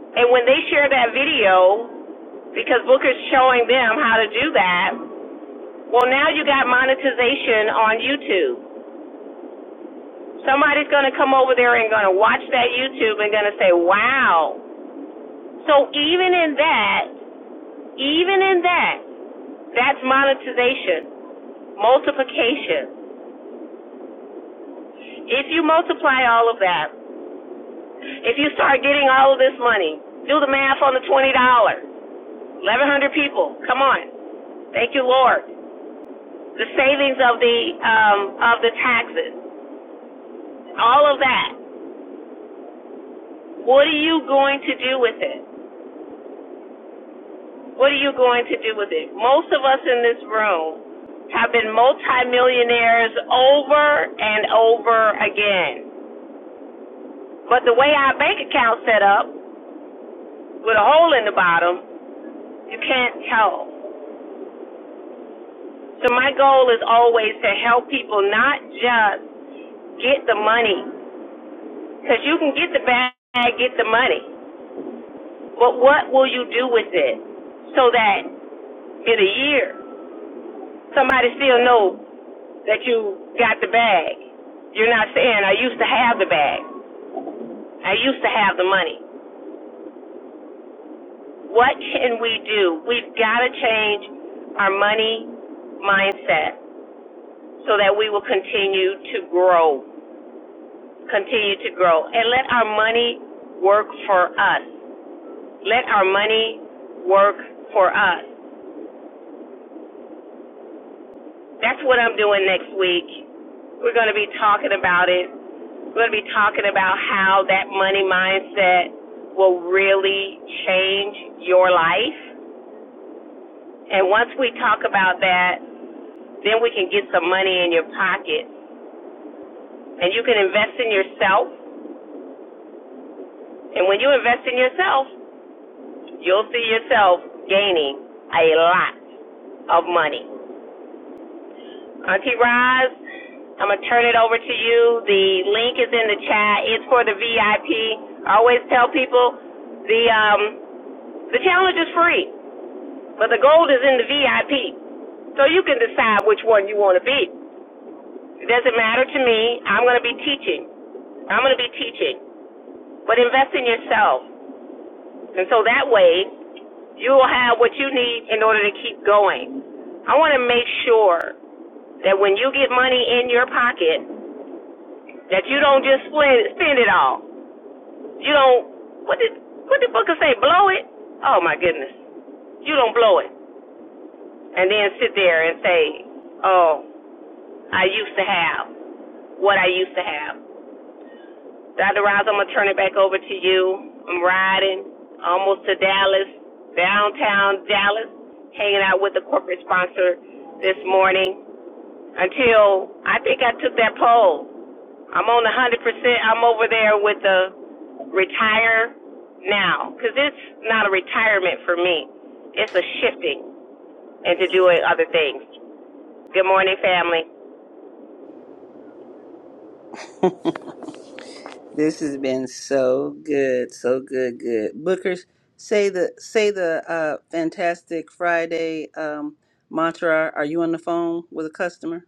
Speaker 3: And when they share that video, because Booker's showing them how to do that. Well, now you got monetization on YouTube. Somebody's going to come over there and going to watch that YouTube and going to say, "Wow." So even in that, even in that, that's monetization, multiplication. If you multiply all of that, if you start getting all of this money, do the math on the twenty dollars. Eleven hundred people. Come on. Thank you, Lord. The savings of the um, of the taxes, all of that What are you going to do with it? What are you going to do with it? Most of us in this room have been multimillionaires over and over again. But the way our bank account's set up, with a hole in the bottom, you can't tell. So my goal is always to help people not just get the money, because you can get the bag, get the money, but what will you do with it? So that in a year, somebody still knows that you got the bag. You're not saying, I used to have the bag. I used to have the money. What can we do? We've got to change our money mindset so that we will continue to grow, continue to grow, and let our money work for us. Let our money work for us. That's what I'm doing next week. We're going to be talking about it We're going to be talking about how that money mindset will really change your life. And once we talk about that, then we can get some money in your pocket and you can invest in yourself. And when you invest in yourself, you'll see yourself gaining a lot of money. Auntie Roz, I'm going to turn it over to you. The link is in the chat. It's for the VIP. I P. I always tell people the um, the challenge is free. But the gold is in the VIP. So you can decide which one you want to be. It doesn't matter to me. I'm going to be teaching. I'm going to be teaching. But invest in yourself. And so that way, you will have what you need in order to keep going. I want to make sure that when you get money in your pocket, that you don't just spend, spend it all. You don't, what did, what did Booker say? Blow it? Oh my goodness. You don't blow it. And then sit there and say, oh, I used to have. what I used to have. Dr. Roz, I'm gonna turn it back over to you. I'm riding almost to Dallas, downtown Dallas, hanging out with the corporate sponsor this morning until I think I took that poll. I'm on 100%. I'm over there with the retire now because it's not a retirement for me. It's a shifting into doing other things. Good morning, family.
Speaker 1: This has been so good, so good, good. Bookers, say the say the uh, fantastic Friday um, mantra. Are you on the phone with a customer?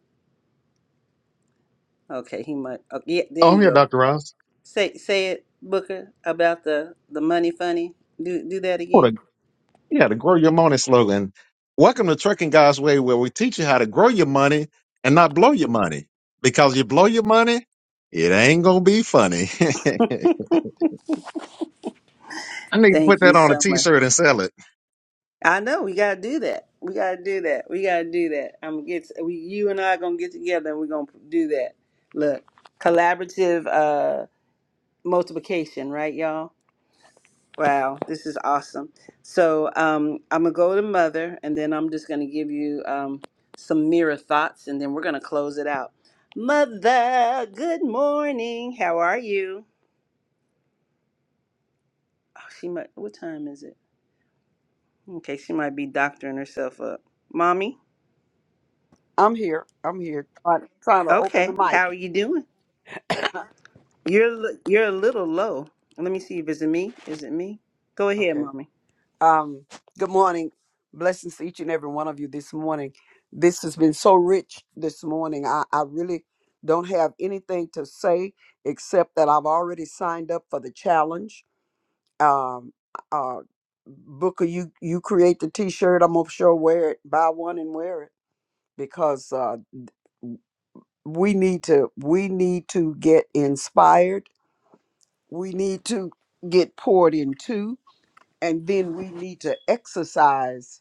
Speaker 1: Okay, he might. Oh, yeah, there
Speaker 2: Oh, I'm
Speaker 1: you
Speaker 2: here,
Speaker 1: go.
Speaker 2: Doctor Ross.
Speaker 1: Say say it, Booker, about the the money funny. Do do that again.
Speaker 2: What a yeah, the grow your money slogan. Welcome to Trucking God's Way, where we teach you how to grow your money and not blow your money. Because you blow your money, it ain't gonna be funny. I need to
Speaker 1: Thank
Speaker 2: put
Speaker 1: you
Speaker 2: that on a
Speaker 1: so much.
Speaker 2: t-shirt and sell it.
Speaker 1: I know we gotta do that. We gotta do that. We gotta do that. I'm gonna get we, you and I are gonna get together and we're gonna do that. Look, collaborative uh multiplication, right, y'all? Wow, this is awesome. So um, I'm gonna go to Mother, and then I'm just gonna give you um, some mirror thoughts, and then we're gonna close it out. Mother, good morning. How are you? Oh, she might. What time is it? Okay, she might be doctoring herself up. Mommy.
Speaker 4: I'm here. I'm here trying, trying to open the
Speaker 1: Okay,
Speaker 4: mic.
Speaker 1: how are you doing? You're li- you're a little low. Let me see if it's me. Is it me? Go ahead,
Speaker 4: Okay.
Speaker 1: mommy.
Speaker 4: Um, good morning. Blessings to each and every one of you this morning. This has been so rich this morning. I, I really don't have anything to say except that I've already signed up for the challenge. Um, uh, Booker, you, you create the t shirt. I'm going to sure wear it, buy one and wear it because uh, we need to we need to get inspired. We need to get poured into And then we need to exercise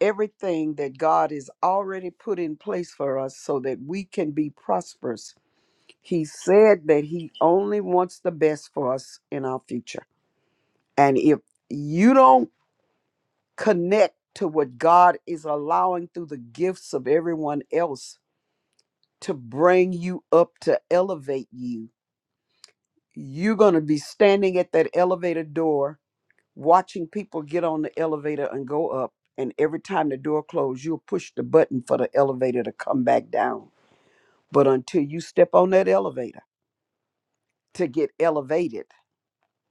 Speaker 4: everything that God has already put in place for us so that we can be prosperous. He said that He only wants the best for us in our future. And if you don't connect to what God is allowing through the gifts of everyone else to bring you up, to elevate you, you're going to be standing at that elevator door watching people get on the elevator and go up, and every time the door closed, you'll push the button for the elevator to come back down. But until you step on that elevator to get elevated,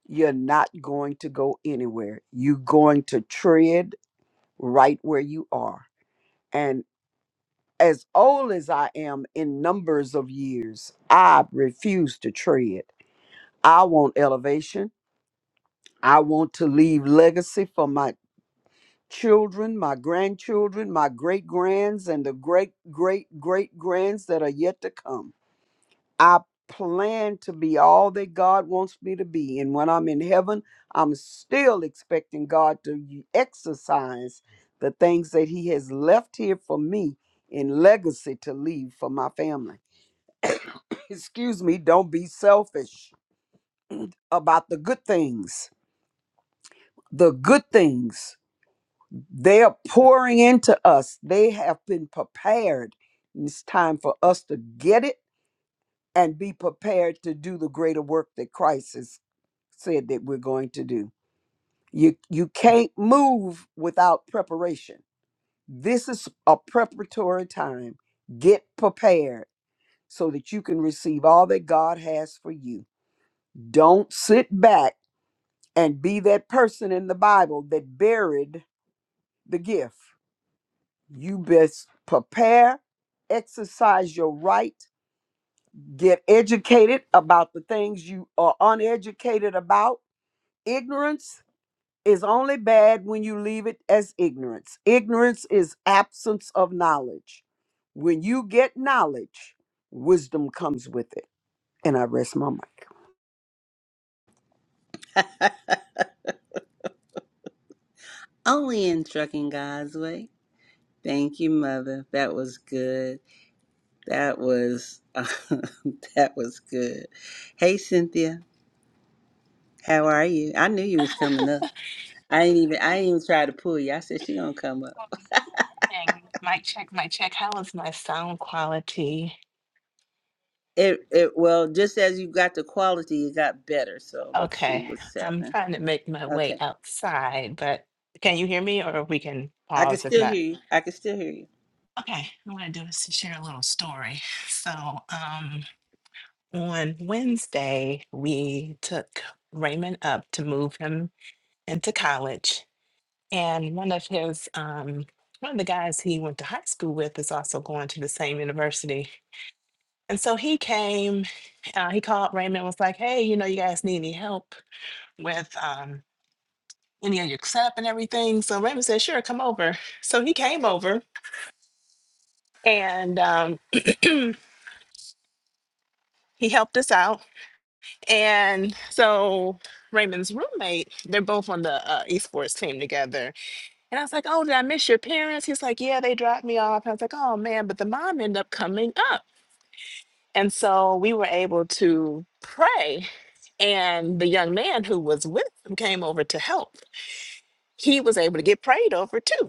Speaker 4: you're not going to go anywhere. You're going to tread right where you are. And as old as I am in numbers of years, I refuse to tread. I want elevation. I want to leave legacy for my children, my grandchildren, my great grands, and the great great great grands that are yet to come. I plan to be all that God wants me to be. And when I'm in heaven, I'm still expecting God to y- exercise the things that He has left here for me in legacy to leave for my family. Excuse me, don't be selfish about the good things. The good things They are pouring into us. They have been prepared. It's time for us to get it and be prepared to do the greater work that Christ has said that we're going to do. You you can't move without preparation. This is a preparatory time. Get prepared so that you can receive all that God has for you. Don't sit back and be that person in the Bible that buried the gift. You best prepare, exercise your right, get educated about the things you are uneducated about. Ignorance is only bad when you leave it as ignorance. Ignorance is absence of knowledge. When you get knowledge, wisdom comes with it. And I rest my mind.
Speaker 1: Only in trucking God's way. Thank you, mother. That was good. That was that was good. Hey Cynthia, how are you? I knew you was coming up. I ain't even I ain't even try to pull you. I said she gonna come up.
Speaker 5: Oh, good morning. Mic check, mic check. How is my sound quality?
Speaker 1: It it well just as you got the quality, it got better. So let's see
Speaker 5: Okay,
Speaker 1: what's
Speaker 5: I'm
Speaker 1: happening.
Speaker 5: trying to make my way
Speaker 1: Okay,
Speaker 5: outside, but can you hear me or we can
Speaker 1: I can
Speaker 5: pause if
Speaker 1: still
Speaker 5: not?
Speaker 1: hear you. I can still hear you.
Speaker 5: Okay, what I do is to share a little story. So, um, on Wednesday, we took Raymond up to move him into college. And one of his, um, one of the guys he went to high school with is also going to the same university. And so he came, uh, he called Raymond, was like, hey, you know, you guys need any help with um, any of your setup and everything. So Raymond said, sure, come over. So he came over and um, he helped us out. And so Raymond's roommate, they're both on the uh, esports team together. And I was like, oh, did I miss your parents? He's like, yeah, they dropped me off. I was like, oh, man, but the mom ended up coming up. And so we were able to pray. And the young man who was with him came over to help. He was able to get prayed over too.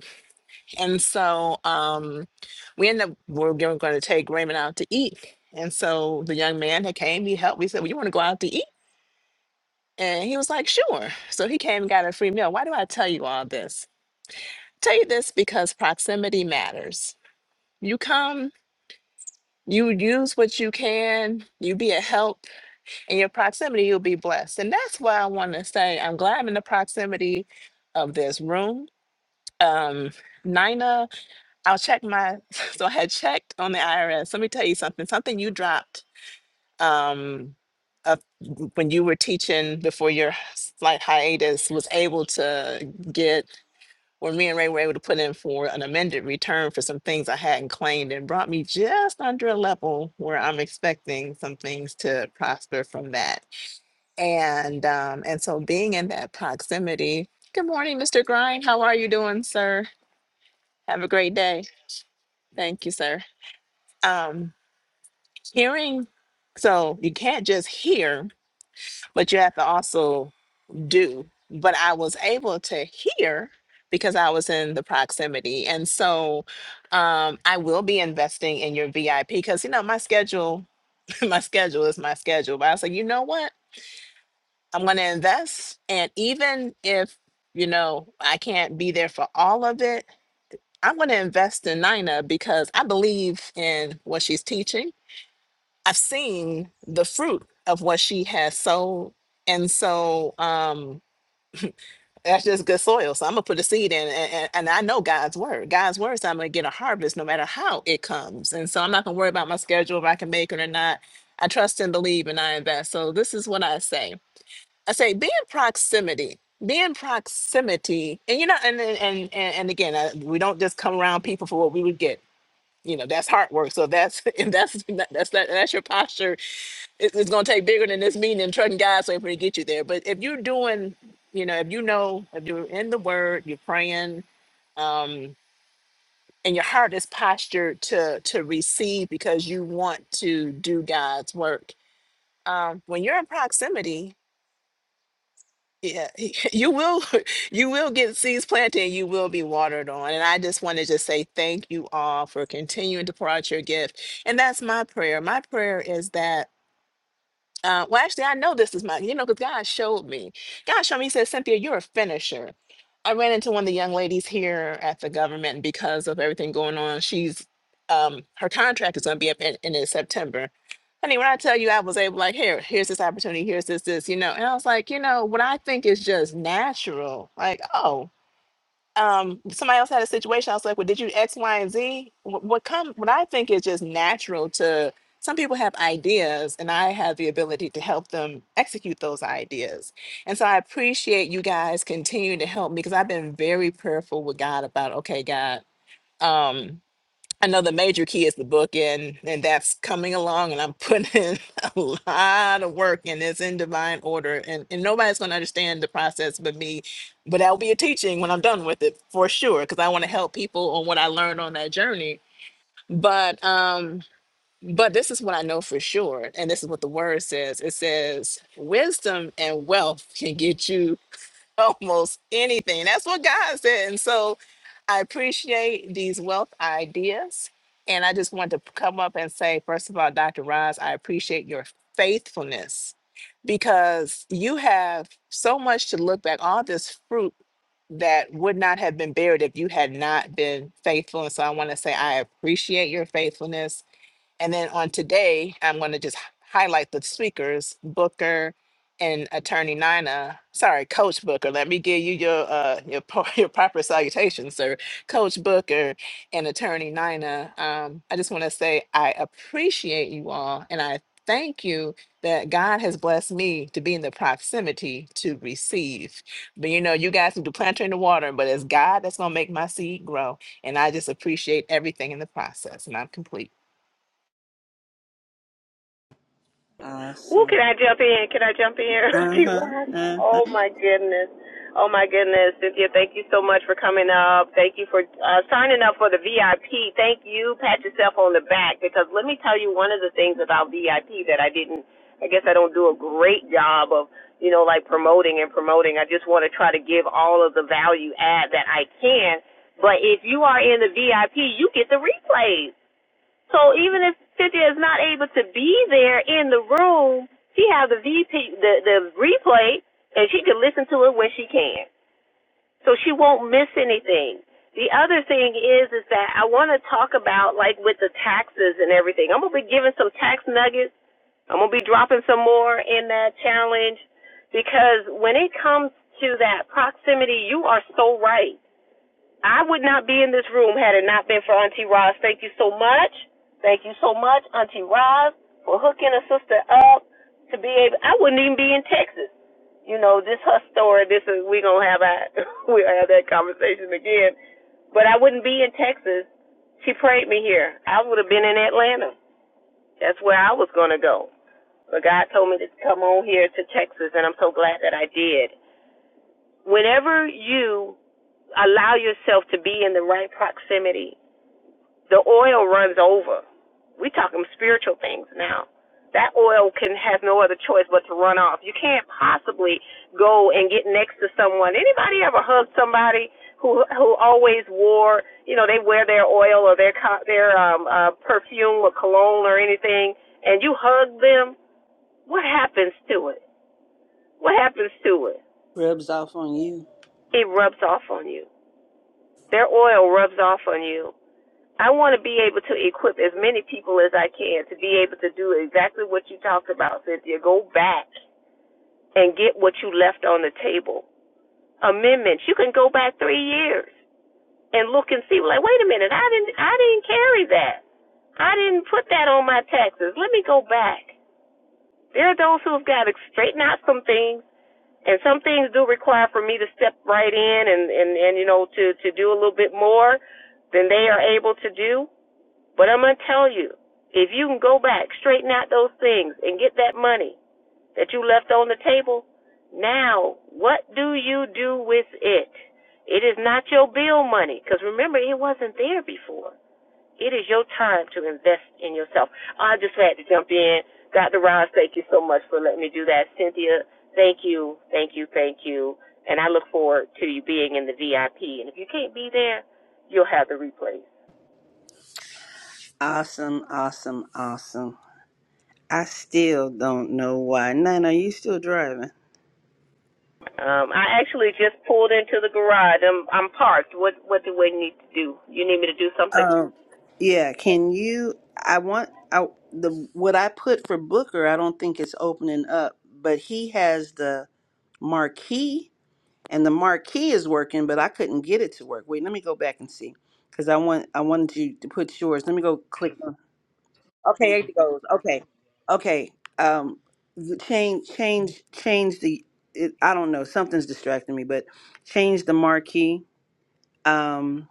Speaker 5: And so um, we ended up, we're going to take Raymond out to eat. And so the young man had came, he helped. We said, Well, you want to go out to eat? And he was like, Sure. So he came and got a free meal. Why do I tell you all this? tell you this because proximity matters. You come, you use what you can, you be a help in your proximity, you'll be blessed. And that's why I want to say I'm glad I'm in the proximity of this room. Um, Nina, I'll check my, so I had checked on the IRS. Let me tell you something, something you dropped um, uh, when you were teaching before your slight hiatus was able to get, where me and Ray were able to put in for an amended return for some things I hadn't claimed and brought me just under a level where I'm expecting some things to prosper from that. And um, and so being in that proximity. Good morning, Mr. Grind. How are you doing, sir? Have a great day. Thank you, sir. Um, hearing, so you can't just hear, but you have to also do. But I was able to hear because I was in the proximity. And so um, I will be investing in your VIP because you know my schedule, my schedule is my schedule. But I was like, you know what? I'm going to invest. And even if, you know, I can't be there for all of it, I'm going to invest in Nina because I believe in what she's teaching. I've seen the fruit of what she has sown. And so um, that's just good soil. So I'm going to put a seed in. And, and, and I know God's word. God's word is I'm going to get a harvest no matter how it comes. And so I'm not going to worry about my schedule, if I can make it or not. I trust and believe and I invest. So this is what I say. I say be in proximity. Be in proximity, and you know, and and and, and again, uh, we don't just come around people for what we would get. You know, that's hard work. So that's and that's that's that, that's your posture. It, it's going to take bigger than this meeting and trusting God's way for to get you there. But if you're doing, you know, if you know, if you're in the Word, you're praying, um, and your heart is postured to to receive because you want to do God's work. Um, when you're in proximity, Yeah, you will you will get seeds planted and you will be watered on. And I just want to just say thank you all for continuing to pour out your gift. And that's my prayer. My prayer is that uh, well, actually, I know this is mine, you know, because God showed me. God showed me, He said, Cynthia, you're a finisher. I ran into one of the young ladies here at the government, and because of everything going on, she's um, her contract is going to be up in, in in September. Honey, when I tell you, I was able, like, here, here's this opportunity, here's this, this, you know, and I was like, you know, what I think is just natural, like, oh um somebody else had a situation i was like well did you x y and z Wh- what come what i think is just natural to some people have ideas and i have the ability to help them execute those ideas and so i appreciate you guys continuing to help me because i've been very prayerful with god about okay god um another major key is the book and and that's coming along and i'm putting in a lot of work and it's in divine order and, and nobody's going to understand the process but me but that'll be a teaching when i'm done with it for sure because i want to help people on what i learned on that journey but um but this is what i know for sure and this is what the word says it says wisdom and wealth can get you almost anything. That's what God said. And so I appreciate these wealth ideas. And I just want to come up and say, first of all, Dr. Roz, I appreciate your faithfulness because you have so much to look back, all this fruit that would not have been buried if you had not been faithful. And so I want to say, I appreciate your faithfulness. And then on today, I'm going to just h- highlight the speakers, Booker and Attorney Nina. Sorry, Coach Booker. Let me give you your uh your pro- your proper salutation, sir. Coach Booker and Attorney Nina. Um, I just want to say I appreciate you all, and I thank you that God has blessed me to be in the proximity to receive. But you know, you guys do the planter in the water, but it's God that's gonna make my seed grow, and I just appreciate everything in the process. And I'm complete.
Speaker 3: Ooh,
Speaker 1: Awesome.
Speaker 3: can I jump in? Can I jump in?
Speaker 1: Uh huh.
Speaker 3: T-Rob?
Speaker 1: Uh huh.
Speaker 3: oh my goodness. Oh my goodness. Cynthia, thank you so much for coming up. Thank you for uh, signing up for the VIP. Thank you. Pat yourself on the back because let me tell you one of the things about VIP that I didn't, I guess I don't do a great job of, you know, like promoting and promoting. I just want to try to give all of the value add that I can. But if you are in the VIP, you get the replays. So even if Cynthia is not able to be there in the room, she has the VP the the replay, and she can listen to it when she can. So she won't miss anything. The other thing is is that I want to talk about like with the taxes and everything. I'm gonna be giving some tax nuggets. I'm gonna be dropping some more in that challenge because when it comes to that proximity, you are so right I would not be in this room had it not been for Auntie Roz. Thank you so much. Thank you so much, Auntie Roz, for hooking a sister up to be able. I wouldn't even be in Texas. You know, this her story. This is we gonna have that. we'll have that conversation again. But I wouldn't be in Texas. She prayed me here. I would have been in Atlanta. That's where I was gonna go. But God told me to come on here to Texas, and I'm so glad that I did. Whenever you allow yourself to be in the right proximity The oil runs over. We talking spiritual things now. That oil can has no other choice but to run off. You can't possibly go and get next to someone. Anybody ever hug somebody who who always wore, you know, they wear their oil or their co- their um uh perfume or cologne or anything and you hug them, what happens to it? What happens to it?
Speaker 1: Rubs off on you.
Speaker 3: It rubs off on you. Their oil rubs off on you I want to be able to equip as many people as I can to be able to do exactly what you talked about, Cynthia. Go back and get what you left on the table. Amendments. You can go back three years and look and see. Like, wait a minute, I didn't, I didn't carry that. I didn't put that on my taxes. Let me go back. There are those who have got to straighten out some things, and some things do require for me to step right in and and and you know to to do a little bit more than they are able to do but I'm going to tell you, if you can go back, straighten out those things, and get that money that you left on the table, now what do you do with it? It is not your bill money, because remember, it wasn't there before. It is your time to invest in yourself. I just had to jump in. Dr. Ross, thank you so much for letting me do that. Cynthia, thank you, thank you, thank you. And I look forward to you being in the VIP. And if you can't be there, you'll have the replay.
Speaker 1: Awesome. Awesome. Awesome. I still don't know why. Nana, you still driving?
Speaker 3: Um, I actually just pulled into the garage. I'm I'm parked. What what do we need to do? You need me to do something?
Speaker 1: Yeah, can you? I want I the what I put for Booker. I don't think it's opening up, but he has the marquee, and the marquee is working, but I couldn't get it to work. Wait, let me go back and see because I want I wanted you to put yours. Let me go click on. Okay, there it goes. Okay, okay. Um, the change change change the. It, I don't know. Something's distracting me, but change the marquee. Um,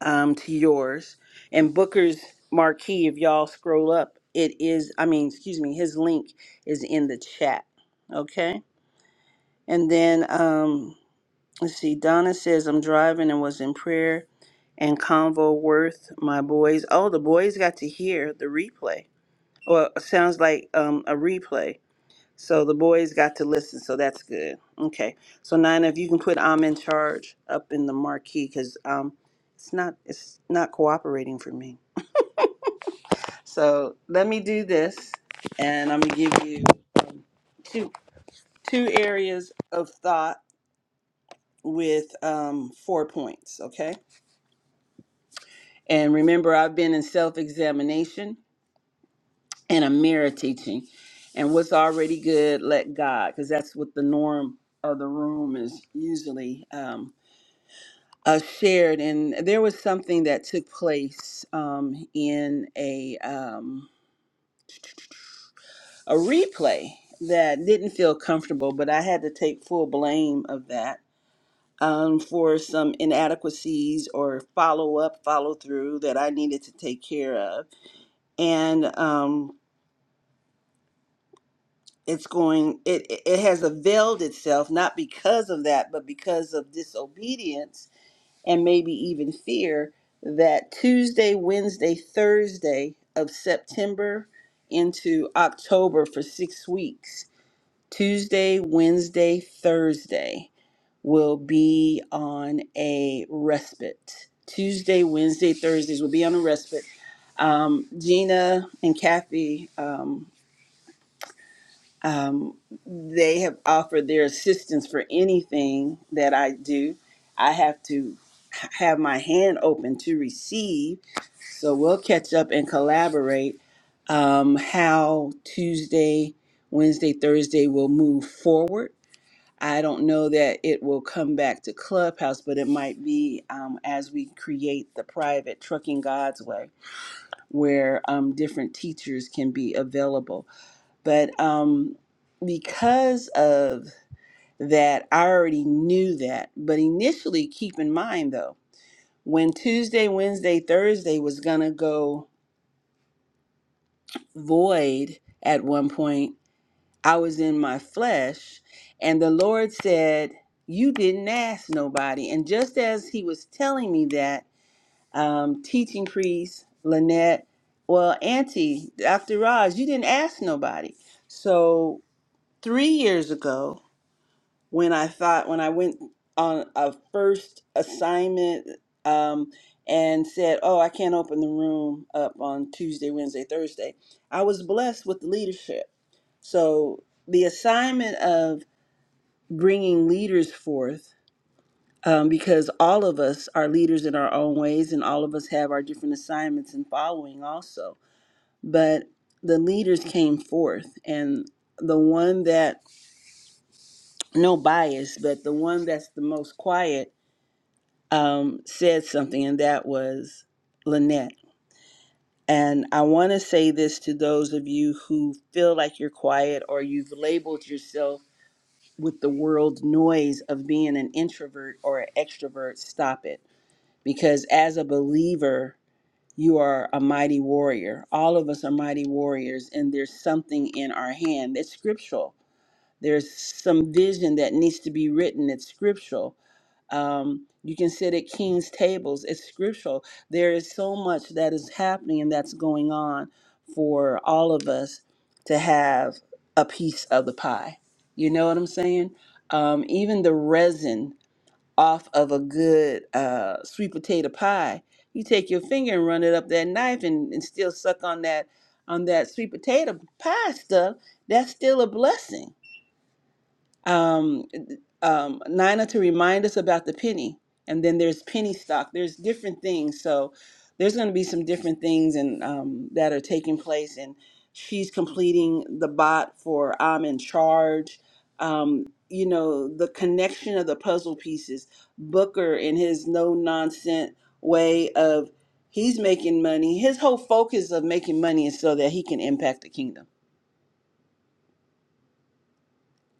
Speaker 1: um, to yours. And Booker's marquee, if y'all scroll up, it is, I mean, excuse me, his link is in the chat. Okay. And then um, let's see, Donna says, I'm driving and was in prayer and convo worth my boys. Oh, the boys got to hear the replay. Well, it sounds like um, a replay. So the boys got to listen, so that's good. Okay. So Nina, if you can put I'm in charge up in the marquee because um it's not it's not cooperating for me. So let me do this and I'm gonna give you um, two two areas of thought with um four points, okay? And remember I've been in self-examination and a mirror teaching. And what's already good, let God, because that's what the norm of the room is usually. Um, uh, shared, and there was something that took place um, in a um, a replay that didn't feel comfortable, but I had to take full blame of that um, for some inadequacies or follow up, follow through that I needed to take care of, and um, it's going. It it it has availed itself not because of that, but because of disobedience and maybe even fear that Tuesday, Wednesday, Thursday of September into October for six weeks, Tuesday, Wednesday, Thursday will be on a respite. Tuesday, Wednesday, Thursdays will be on a respite. Um, Gina and Kathy, um, um, they have offered their assistance for anything that I do. I have to have my hand open to receive. So we'll catch up and collaborate um, how Tuesday, Wednesday, Thursday will move forward. I don't know that it will come back to Clubhouse, but it might be um, as we create the private Trucking God's Way, where um, different teachers can be available but um, because of that, I already knew that. But initially, keep in mind though, when Tuesday, Wednesday, Thursday was going to go void at one point, I was in my flesh. And the Lord said, You didn't ask nobody. And just as He was telling me that, um, teaching priest, Lynette, well, Auntie, Dr. Raj, you didn't ask nobody. So three years ago, when I thought when I went on a first assignment um, and said, "Oh, I can't open the room up on Tuesday, Wednesday, Thursday," I was blessed with leadership. So the assignment of bringing leaders forth, um, because all of us are leaders in our own ways, and all of us have our different assignments and following also. But the leaders came forth, and the one that no bias, but the one that's the most quiet um, said something, and that was Lynette. And I want to say this to those of you who feel like you're quiet or you've labeled yourself with the world noise of being an introvert or an extrovert, stop it. Because as a believer, you are a mighty warrior. All of us are mighty warriors, and there's something in our hand that's scriptural. There's some vision that needs to be written, it's scriptural um, you can sit at king's tables. It's scriptural. There is so much that is happening and that's going on for all of us to have a piece of the pie. You know what I'm saying? Um, even the resin off of a good uh, sweet potato pie, you take your finger and run it up that knife and, and still suck on that on that sweet potato pie stuff. That's still a blessing um, um, Nina to remind us about the penny. And then there's penny stock. There's different things. So there's going to be some different things and um, that are taking place. And she's completing the bot for I'm in charge. Um, you know, the connection of the puzzle pieces. Booker in his no nonsense way of he's making money. His whole focus of making money is so that he can impact the kingdom.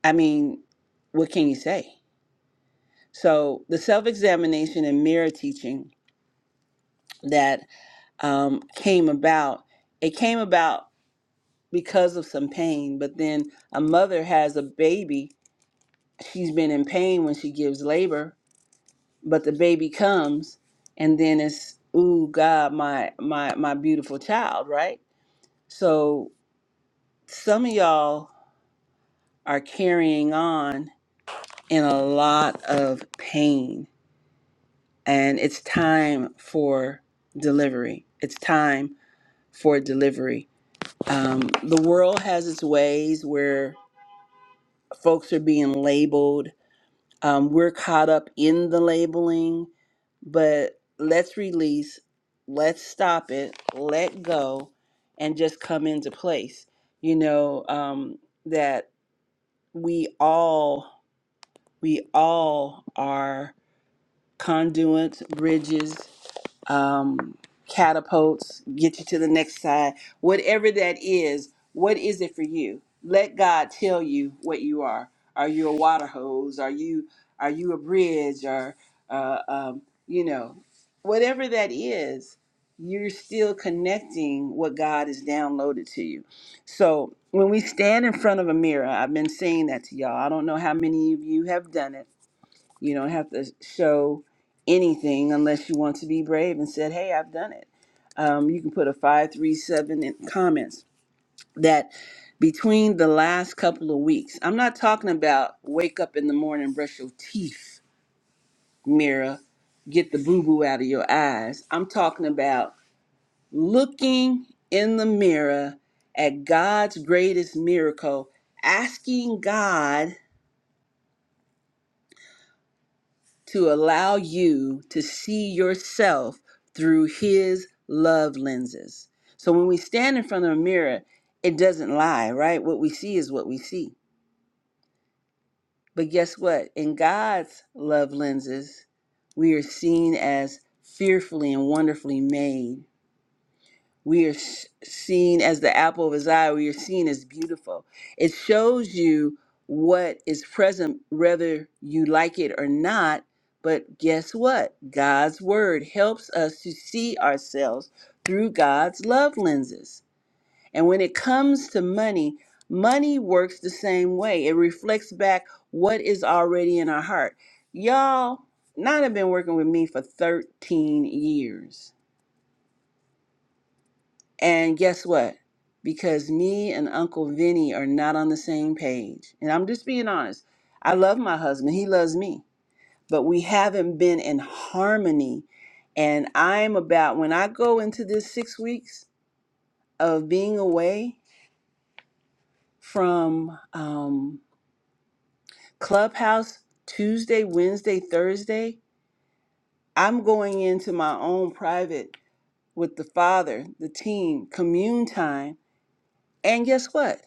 Speaker 1: I mean, what can you say? So the self examination and mirror teaching that um, came about, it came about because of some pain, but then a mother has a baby. She's been in pain when she gives labor, but the baby comes and then it's, ooh, God, my, my, my beautiful child, right? So some of y'all are carrying on in a lot of pain and it's time for delivery. It's time for delivery. Um, the world has its ways where folks are being labeled. Um, we're caught up in the labeling, but let's release, let's stop it, let go, and just come into place. You know um, that we all we all are conduits, bridges. um, catapults, get you to the next side, whatever that is, what is it for you? Let God tell you what you are. Are you a water hose? Are you are you a bridge? Or uh, um, you know, whatever that is, you're still connecting what God has downloaded to you. So when we stand in front of a mirror, I've been saying that to y'all. I don't know how many of you have done it you don't have to show anything unless you want to be brave and said, "Hey, I've done it." Um, you can put a five, three, seven in comments that between the last couple of weeks. I'm not talking about wake up in the morning, brush your teeth, Mira, get the boo boo out of your eyes. I'm talking about looking in the mirror at God's greatest miracle, asking God to allow you to see yourself through his love lenses. So when we stand in front of a mirror, it doesn't lie, right? What we see is what we see. But guess what? In God's love lenses, we are seen as fearfully and wonderfully made we are s- seen as the apple of his eye we are seen as beautiful it shows you what is present whether you like it or not but guess what god's word helps us to see ourselves through god's love lenses and when it comes to money money works the same way it reflects back what is already in our heart y'all not have been working with me for 13 years and guess what? Because me and Uncle Vinny are not on the same page. And I'm just being honest. I love my husband, he loves me, but we haven't been in harmony. And I'm about, when I go into this six weeks of being away from um, Clubhouse Tuesday, Wednesday, Thursday, I'm going into my own private with the father, the team, commune time. And guess what?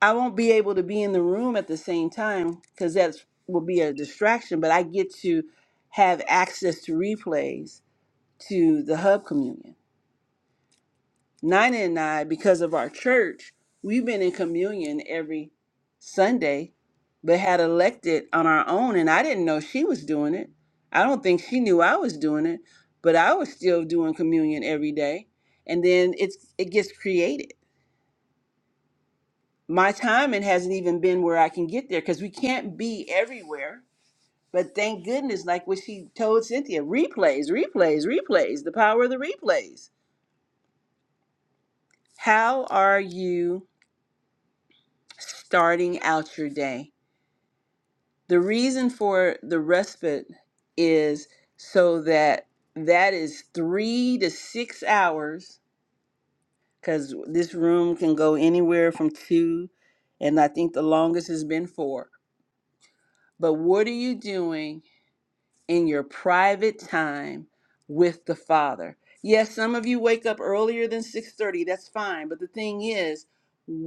Speaker 1: I won't be able to be in the room at the same time because that will be a distraction, but I get to have access to replays to the hub communion. Nina and I, because of our church, we've been in communion every Sunday, but had elected on our own, and I didn't know she was doing it. I don't think she knew I was doing it, but I was still doing communion every day. And then it's it gets created. my timing hasn't even been where I can get there because we can't be everywhere. But thank goodness, like what she told Cynthia, replays, replays, replays, the power of the replays. How are you starting out your day? The reason for the respite is so that that is three to six hours because this room can go anywhere from two, and I think the longest has been four. But what are you doing in your private time with the Father. Yes, some of you wake up earlier than 6:30, that's fine, but the thing is,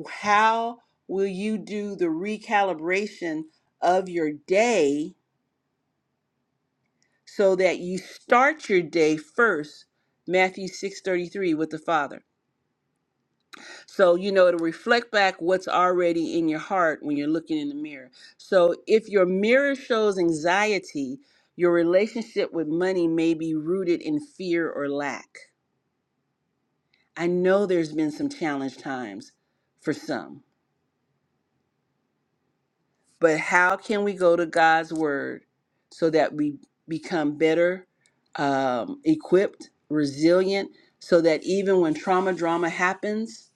Speaker 1: how will you do the recalibration of your day so that you start your day first, Matthew 6:33 with the Father? So, you know, it'll reflect back what's already in your heart when you're looking in the mirror. So, if your mirror shows anxiety, your relationship with money may be rooted in fear or lack. I know there's been some challenge times for some, but how can we go to God's word so that we become better um, equipped, resilient, so that even when trauma drama happens,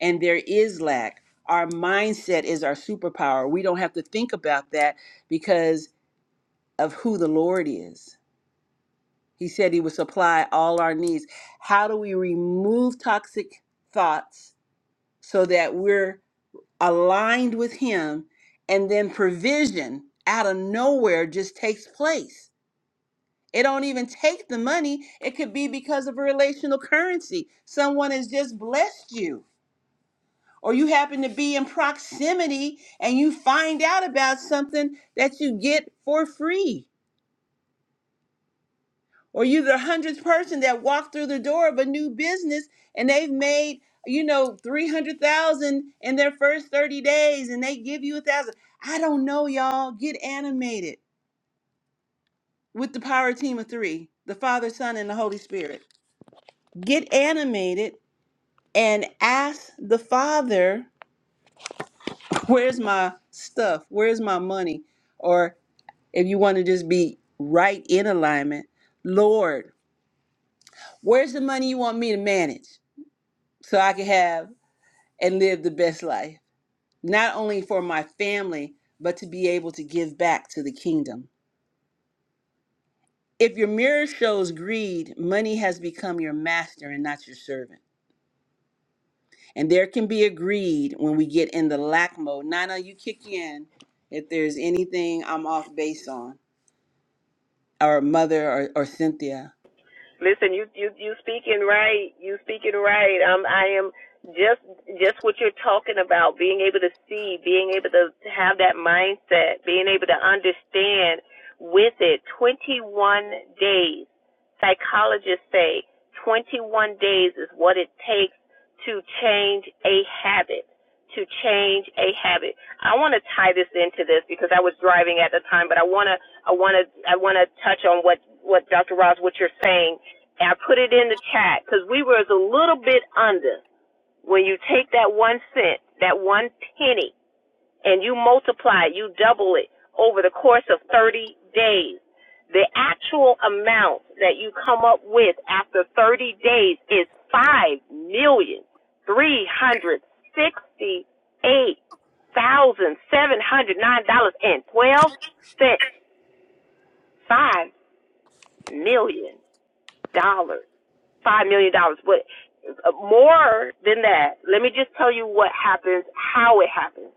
Speaker 1: and there is lack. Our mindset is our superpower. We don't have to think about that because of who the Lord is. He said He would supply all our needs. How do we remove toxic thoughts so that we're aligned with Him and then provision out of nowhere just takes place? It don't even take the money. It could be because of a relational currency. Someone has just blessed you or you happen to be in proximity and you find out about something that you get for free, or you're the hundredth person that walked through the door of a new business and they've made you know 300,000 in their first 30 days and they give you a thousand. I don't know, y'all. Get animated with the power team of three the Father, Son, and the Holy Spirit. Get animated and ask the Father, Where's my stuff? Where's my money? or if you want to just be right in alignment, Lord, where's the money you want me to manage so I can have and live the best life, not only for my family, but to be able to give back to the kingdom? If your mirror shows greed, money has become your master and not your servant. And there can be a greed when we get in the lack mode. Nana, you kick in if there's anything I'm off base on, or mother or, or Cynthia,
Speaker 3: Listen, you you you speaking right. You speaking right. Um, I am just just what you're talking about. Being able to see, being able to have that mindset, being able to understand with it. 21 days. Psychologists say 21 days is what it takes to change a habit. To change a habit. I want to tie this into this because I was driving at the time, but I want to I want to I want to touch on what what Dr. Ross what you're saying and I put it in the chat because we were a little bit under. When you take that one cent, that one penny, and you multiply it, you double it over the course of 30 days. The actual amount that you come up with after 30 days is five million three hundred sixty-eight thousand seven hundred nine dollars and twelve cents. Five million dollars five million dollars, but uh, more than that, let me just tell you what happens, how it happens.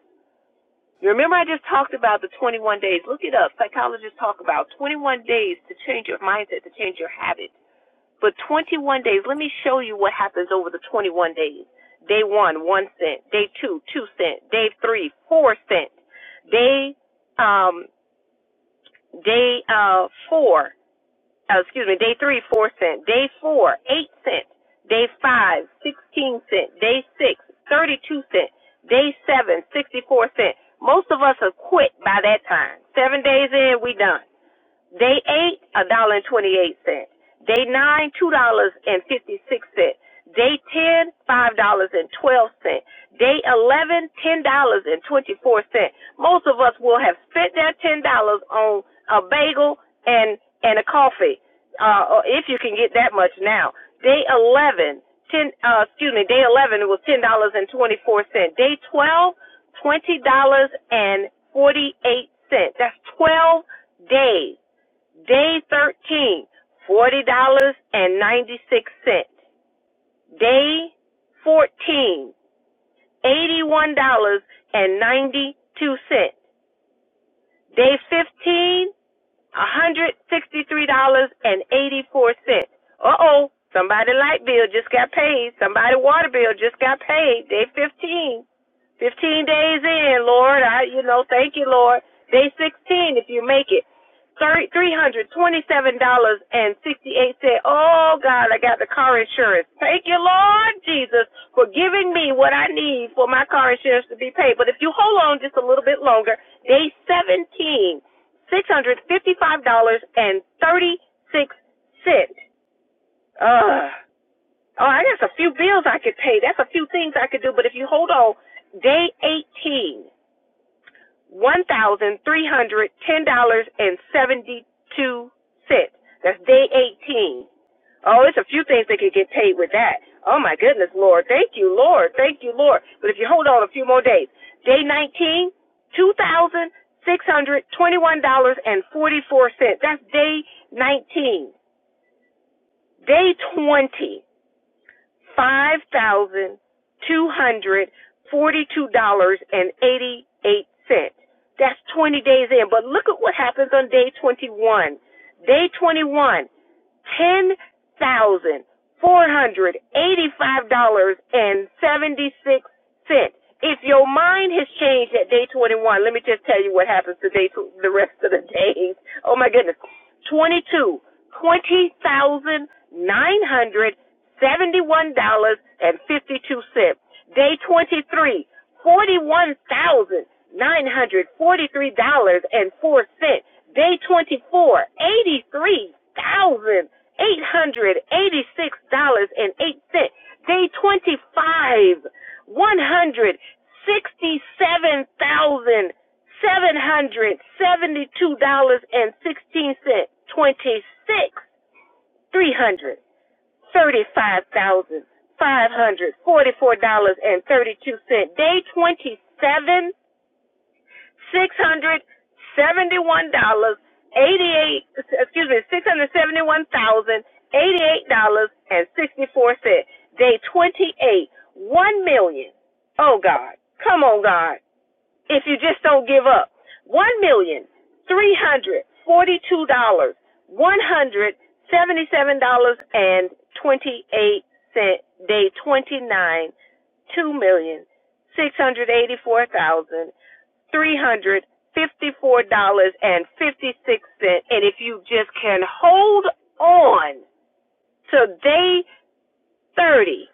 Speaker 3: You remember I just talked about the 21 days. Look it up. Psychologists talk about 21 days to change your mindset, to change your habit. But 21 days, let me show you what happens over the 21 days. Day one, one cent. Day two, two cent. Day three, four cent. Day, um, day, uh, four, oh, excuse me, day three, four cent. Day four, eight cent. Day five, sixteen cent. Day six, thirty-two cent. Day seven, sixty-four cent. Most of us have quit by that time. Seven days in, we done. Day eight, a dollar and twenty eight cent. Day nine, two dollars and fifty six cent. Day ten, five dollars and twelve cent. Day eleven, ten dollars and twenty four cent. Most of us will have spent that ten dollars on a bagel and and a coffee, uh, if you can get that much now. Day eleven, ten, uh, excuse me, day eleven it was ten dollars and twenty four cent. Day twelve, twenty dollars and forty eight cent. That's twelve days Day thirteen, forty dollars and 96 cents. Day fourteen, eighty one dollars and 92 cents. Day 15, $163.84. Uh oh, somebody light bill just got paid. Somebody water bill just got paid. Day 15. 15 days in, Lord. I, you know, thank you, Lord. Day 16, if you make it. Thir- $327.68. Oh, God, I got the car insurance. Thank you, Lord Jesus, for giving me what I need for my car insurance to be paid. But if you hold on just a little bit longer, day seventeen, six hundred fifty-five dollars and 36 cents. Ugh. Oh, that's a few bills I could pay. That's a few things I could do. But if you hold on, day eighteen, one thousand three hundred ten dollars and 72 cents. That's day 18. Oh, it's a few things that could get paid with that. Oh my goodness, Lord. Thank you, Lord. Thank you, Lord. But if you hold on a few more days, day nineteen, two thousand six hundred twenty-one dollars and 44 cents. That's day 19. Day 20, five thousand two hundred forty-two dollars and eighty-eight cents. That's twenty days in. But look at what happens on day twenty-one. Day twenty-one, ten thousand four hundred eighty-five dollars and seventy-six cents. If your mind has changed at day twenty-one, let me just tell you what happens to day tw- the rest of the days. Oh my goodness, twenty-two, twenty thousand nine hundred seventy-one dollars and fifty-two cents. Day twenty-three, forty-one thousand nine hundred forty-three dollars and four cents. Day twenty-four, eighty-three thousand $886.08. Day 25, one hundred sixty-seven thousand seven hundred seventy-two dollars and sixteen cents. 26, three hundred thirty-five thousand five hundred forty-four dollars and thirty-two cents. Day 27, six hundred seventy-one dollars eighty-eight. Excuse me, six hundred seventy-one thousand eighty-eight dollars and sixty-four cents. Day twenty-eight, one million. Oh God, come on, God! If you just don't give up, one million three hundred forty-two dollars one hundred seventy-seven dollars and twenty-eight cent. Day twenty-nine, two million six hundred eighty-four thousand three hundred fifty-four dollars and fifty-six cent. And if you just can hold on to day thirty,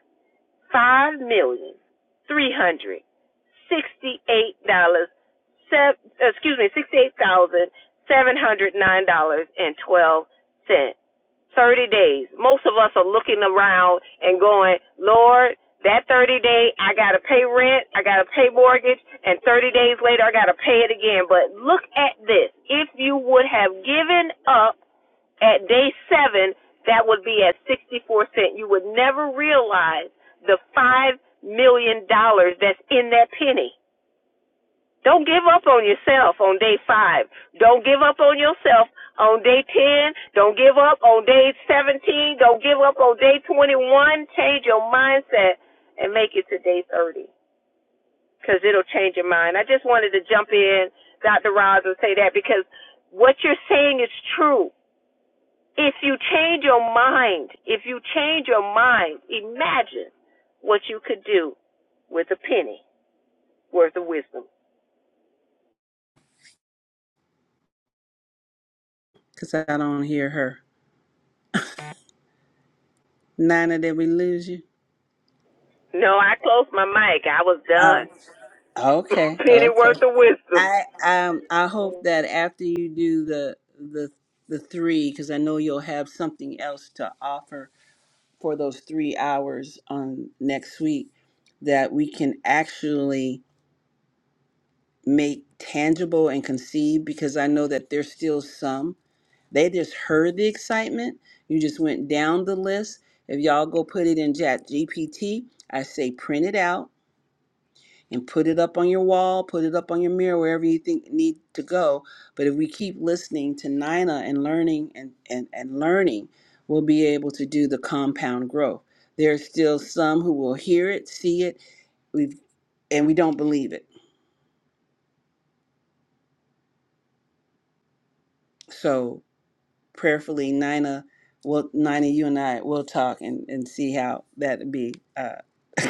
Speaker 3: five million three hundred sixty-eight dollars. Excuse me, sixty-eight thousand seven hundred nine dollars and twelve cents. Thirty days. Most of us are looking around and going, Lord, that thirty day I gotta pay rent, I gotta pay mortgage, and thirty days later I gotta pay it again. But look at this. If you would have given up at day seven, that would be at 64 cents. You would never realize the $5 million dollars that's in that penny. Don't give up on yourself on day five. Don't give up on yourself on day 10. Don't give up on day 17. Don't give up on day 21. Change your mindset and make it to day 30 because it'll change your mind. I just wanted to jump in, Dr. Roz, and say that because what you're saying is true. If you change your mind, if you change your mind, imagine what you could do with a penny worth of wisdom.
Speaker 1: because I don't hear her. Nana, did we lose you?
Speaker 3: No, I closed my mic. I was done.
Speaker 1: Oh, okay,
Speaker 3: Penny
Speaker 1: okay.
Speaker 3: worth of wisdom.
Speaker 1: I um I hope that after you do the the the three, because I know you'll have something else to offer for those three hours on next week, that we can actually make tangible and conceive. Because I know that there's still some they just heard the excitement. You just went down the list. If y'all go put it in Chat GPT, I say print it out and put it up on your wall, put it up on your mirror, wherever you think need to go. But if we keep listening to Nina and learning and, and, and learning, we'll be able to do the compound growth. There are still some who will hear it, see it, we've and we don't believe it. So prayerfully, Nina well, Nina, you and I will talk and, and see how that be uh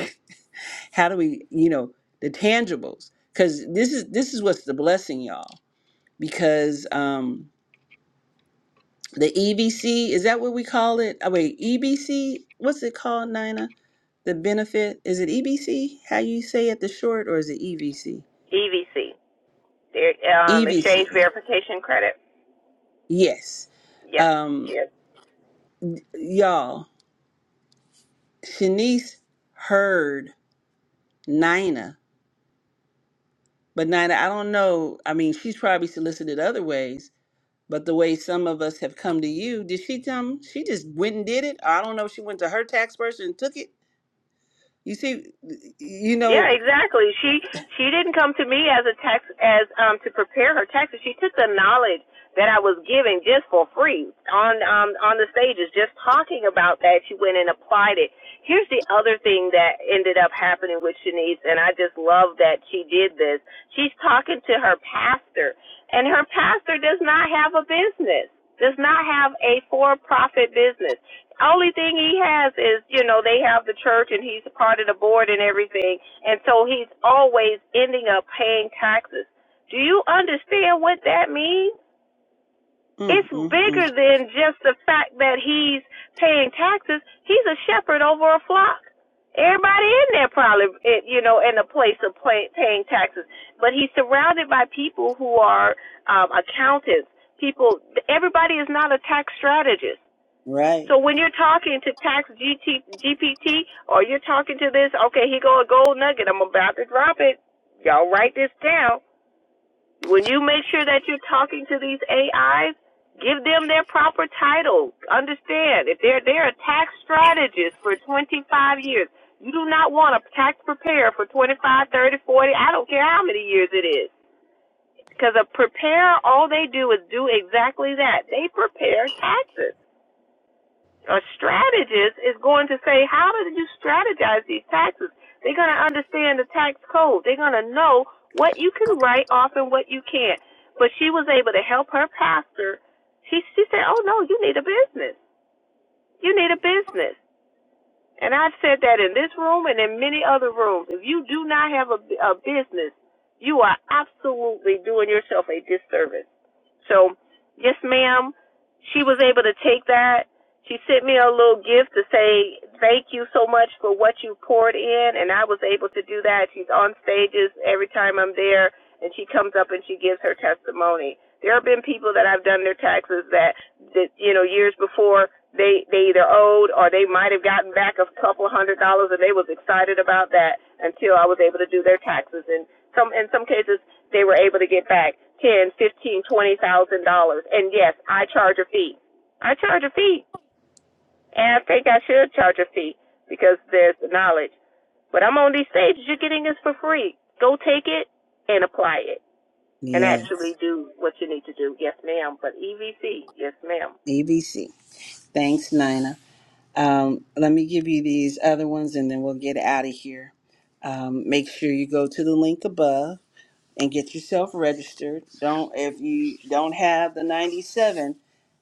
Speaker 1: how do we, you know, the tangibles. Cause this is this is what's the blessing, y'all. because um the EBC is that what we call it? Oh wait, EBC, what's it called, Nina? The benefit is it EBC? How you say it, the short, or is it EVC?
Speaker 3: EVC. um, exchange
Speaker 1: EVC.
Speaker 3: verification credit.
Speaker 1: Yes.
Speaker 3: Yes.
Speaker 1: Um,
Speaker 3: Yes.
Speaker 1: y'all, Shanice heard Nina, but Nina, I don't know. I mean, she's probably solicited other ways, but the way some of us have come to you, did she come? She just went and did it. I don't know if she went to her tax person and took it. You see, you know.
Speaker 3: Yeah, exactly. She she didn't come to me as a tax as um to prepare her taxes. She took the knowledge that I was giving just for free on um on the stages, just talking about that. She went and applied it. Here's the other thing that ended up happening with Shanice, and I just love that she did this. She's talking to her pastor, and her pastor does not have a business, does not have a for profit business. Only thing he has is, you know, they have the church and he's a part of the board and everything. And so he's always ending up paying taxes. Do you understand what that means?
Speaker 1: Mm,
Speaker 3: It's
Speaker 1: mm,
Speaker 3: bigger
Speaker 1: mm.
Speaker 3: than just the fact that he's paying taxes. He's a shepherd over a flock. Everybody in there probably, eh, you know, in a place of pay, paying taxes. But he's surrounded by people who are um, accountants. People, everybody is not a tax strategist
Speaker 1: Right.
Speaker 3: so when you're talking to Tax GPT or you're talking to this, okay, here go a gold nugget. I'm about to drop it. Y'all write this down. When you make sure that you're talking to these AIs, give them their proper title. Understand if they're they're a tax strategist for 25 years. You do not want a tax preparer for 25, 30, 40. I don't care how many years it is. Because a preparer, all they do is do exactly that. They prepare taxes a strategist is going to say, how did you strategize these taxes? They're going to understand the tax code. They're going to know what you can write off and what you can't. But she was able to help her pastor. She she said, "Oh no, you need a business. You need a business." And I've said that in this room and in many other rooms. If you do not have a, a business, you are absolutely doing yourself a disservice. So, yes, ma'am, she was able to take that. She sent me a little gift to say thank you so much for what you poured in, and I was able to do that. She's on stages every time I'm there, and she comes up and she gives her testimony. There have been people that I've done their taxes that, that you know, years before they they either owed or they might have gotten back a couple hundred dollars, and they was excited about that until I was able to do their taxes. And some in some cases they were able to get back ten, fifteen, twenty thousand dollars. And yes, I charge a fee. I charge a fee, and I think I should charge a fee because there's the knowledge. But I'm on these stages. You're getting this for free. Go take it and apply it, and
Speaker 1: Yes.
Speaker 3: actually do what you need to do. Yes, ma'am. But EVC, yes, ma'am.
Speaker 1: EBC. Thanks, Nina. Um, let me give you these other ones and then we'll get out of here. Um, make sure you go to the link above and get yourself registered. Don't if you don't have the 97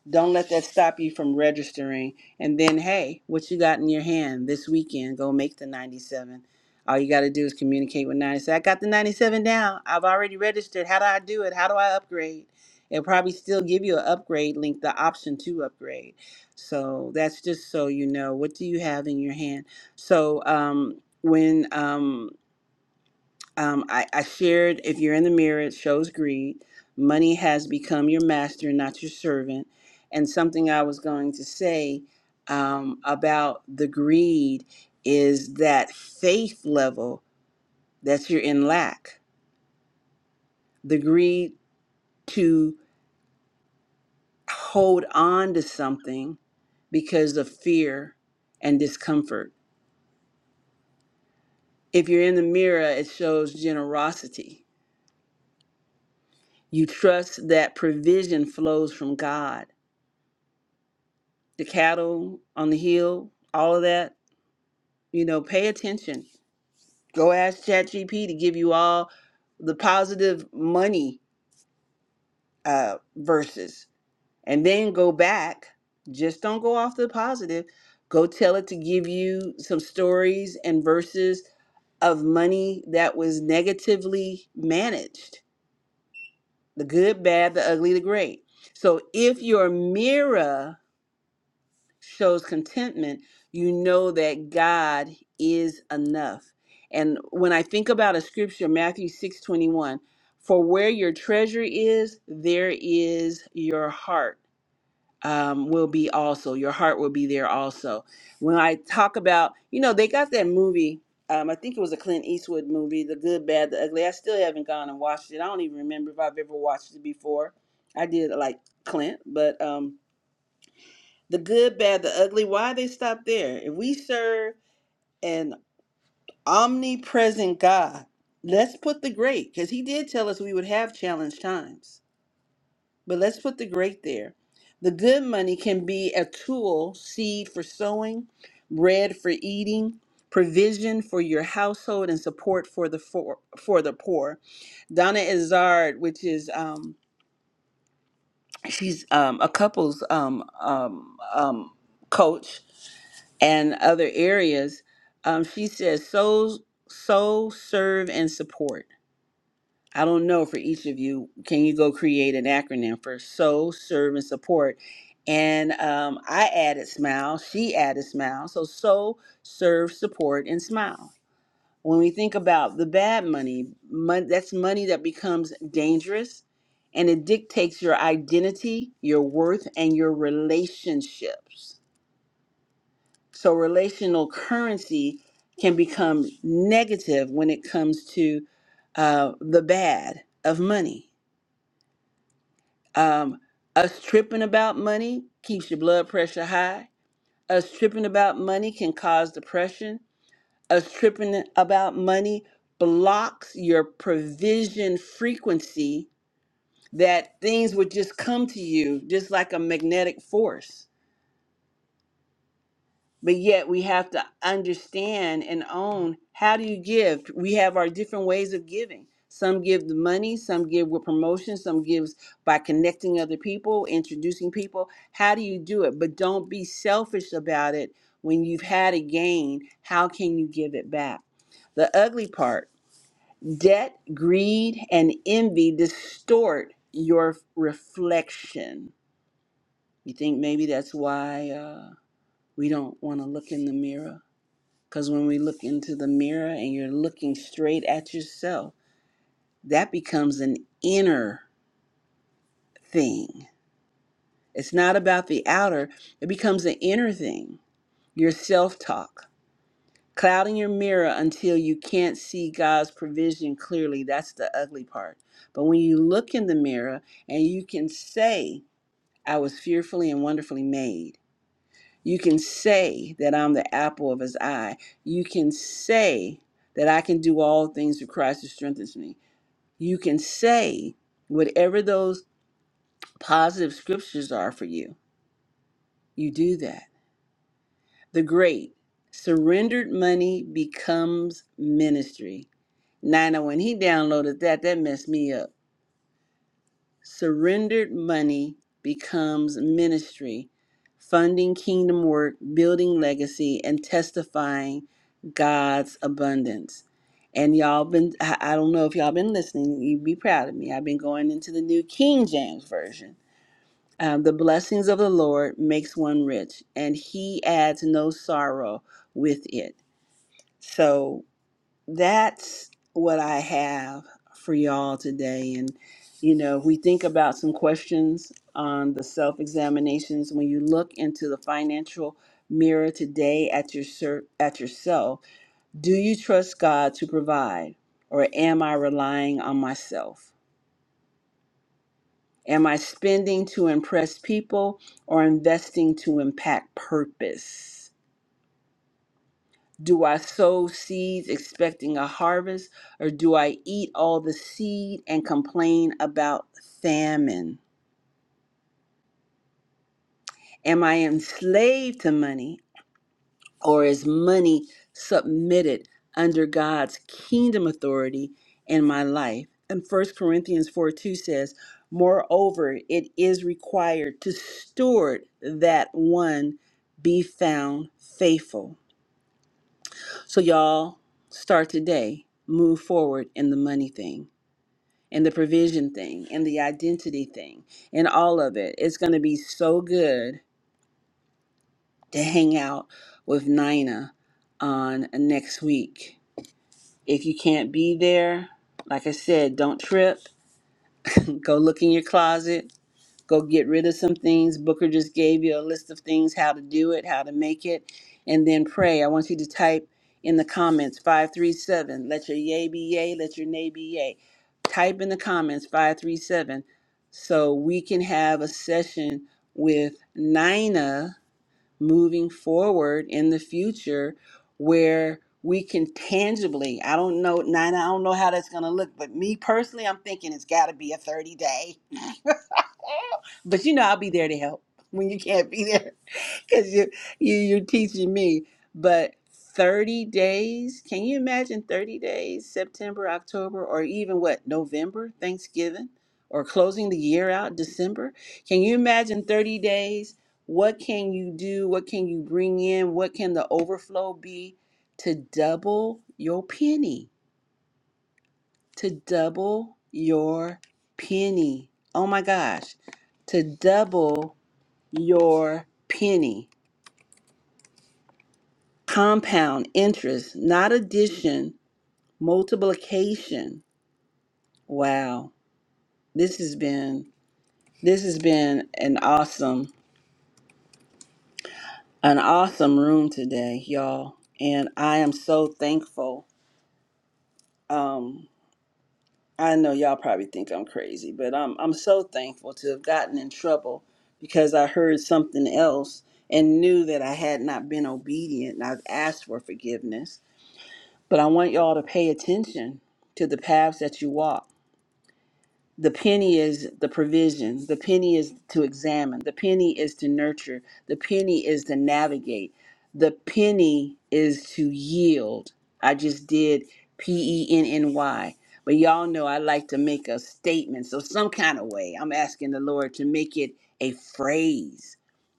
Speaker 1: Don't let that stop you from registering. And then, hey, what you got in your hand this weekend? Go make the 97. All you got to do is communicate with 90. Say, I got the 97 down. I've already registered. How do I do it? How do I upgrade? It'll probably still give you an upgrade link, the option to upgrade. So that's just so you know. What do you have in your hand? So um, when um, um, I, I shared if you're in the mirror, it shows greed. Money has become your master, not your servant. And something I was going to say um, about the greed is that faith level that you're in lack, the greed to hold on to something because of fear and discomfort. If you're in the mirror, it shows generosity. You trust that provision flows from God the cattle on the hill, all of that. You know, pay attention. Go ask ChatGPT to give you all the positive money uh, verses, and then go back. Just don't go off the positive. Go tell it to give you some stories and verses of money that was negatively managed the good, bad, the ugly, the great. So if your mirror shows contentment, you know that God is enough. And when I think about a scripture, Matthew 6 21, for where your treasure is, there is your heart um, will be also. Your heart will be there also. When I talk about, you know, they got that movie. Um, I think it was a Clint Eastwood movie, The Good, Bad, the Ugly. I still haven't gone and watched it. I don't even remember if I've ever watched it before. I did like Clint, but um, the good, bad, the ugly. Why they stop there? If we serve an omnipresent God, let's put the great, because He did tell us we would have challenge times. But let's put the great there. The good money can be a tool, seed for sowing, bread for eating, provision for your household, and support for the for, for the poor. Donna Izard, which is um, she's um, a couples um, um, um, coach, and other areas. Um, she says, "Soul, soul, serve, and support." I don't know for each of you. Can you go create an acronym for soul, serve, and support? And um, I added smile. She added smile. So soul, serve, support, and smile. When we think about the bad money, mon- that's money that becomes dangerous, and it dictates your identity, your worth, and your relationships so relational currency can become negative when it comes to uh, the bad of money. Um, us tripping about money keeps your blood pressure high. Us tripping about money can cause depression. Us tripping about money blocks your provision frequency that things would just come to you just like a magnetic force. but yet we have to understand and own how do you give we have our different ways of giving some give the money some give with promotion some gives by connecting other people introducing people how do you do it but don't be selfish about it when you've had a gain how can you give it back the ugly part debt greed and envy distort your reflection you think maybe that's why uh, we don't want to look in the mirror because when we look into the mirror and you're looking straight at yourself, that becomes an inner thing. It's not about the outer, it becomes an inner thing. Your self talk, clouding your mirror until you can't see God's provision clearly. That's the ugly part. But when you look in the mirror and you can say, I was fearfully and wonderfully made, You can say that I'm the apple of his eye. You can say that I can do all things through Christ who strengthens me. You can say whatever those positive scriptures are for you. You do that. The great surrendered money becomes ministry. Now, I know when he downloaded that, that messed me up Surrendered money becomes ministry, funding kingdom work, building legacy, and testifying God's abundance. And y'all been, I I don't know if y'all been listening, you'd be proud of me. I've been going into the new King James Version. Um, the blessings of the Lord makes one rich, and he adds no sorrow with it. So that's what I have for y'all today. And, you know, we think about some questions on the self examinations. When you look into the financial mirror today at your ser- at yourself, do you trust God to provide, or am I relying on myself? Am I spending to impress people or investing to impact purpose? Do I sow seeds expecting a harvest, or do I eat all the seed and complain about famine? Am I enslaved to money, or is money submitted under God's kingdom authority in my life? And First Corinthians 4 2 says, Moreover, it is required to steward that one be found faithful. So, y'all, start today. Move forward in the money thing. and the provision thing and the identity thing and all of it. It's going to be so good to hang out with Nina on next week. If you can't be there, like I said, don't trip. Go look in your closet go get rid of some things. Booker just gave you a list of things how to do it, how to make it, and then pray. I want you to type in the comments 537. Let your yay be yay, let your nay be yay. Type in the comments 537 so we can have a session with Nina moving forward in the future where we can tangibly i don't know nina i don't know how that's going to look but me personally i'm thinking it's got to be a 30 day But you know, I'll be there to help when you can't be there because you, you you're teaching me. But 30 days, can you imagine 30 days, September, October, or even what, November, Thanksgiving, or closing the year out, December? Can you imagine 30 days? What can you do? What can you bring in? What can the overflow be to double your penny? To double your penny. Oh my gosh. To double your penny. Compound interest, not addition, multiplication. Wow. This has been this has been an awesome an awesome room today, y'all. And I am so thankful. Um I know y'all probably think I'm crazy, but I'm I'm so thankful to have gotten in trouble because I heard something else and knew that I had not been obedient and I've asked for forgiveness But I want y'all to pay attention to the paths that you walk. The penny is the provision, the penny is to examine, the penny is to nurture, the penny is to navigate, the penny is to yield. I just did P E N N Y. But y'all know I like to make a statement. So, some kind of way, I'm asking the Lord to make it a phrase,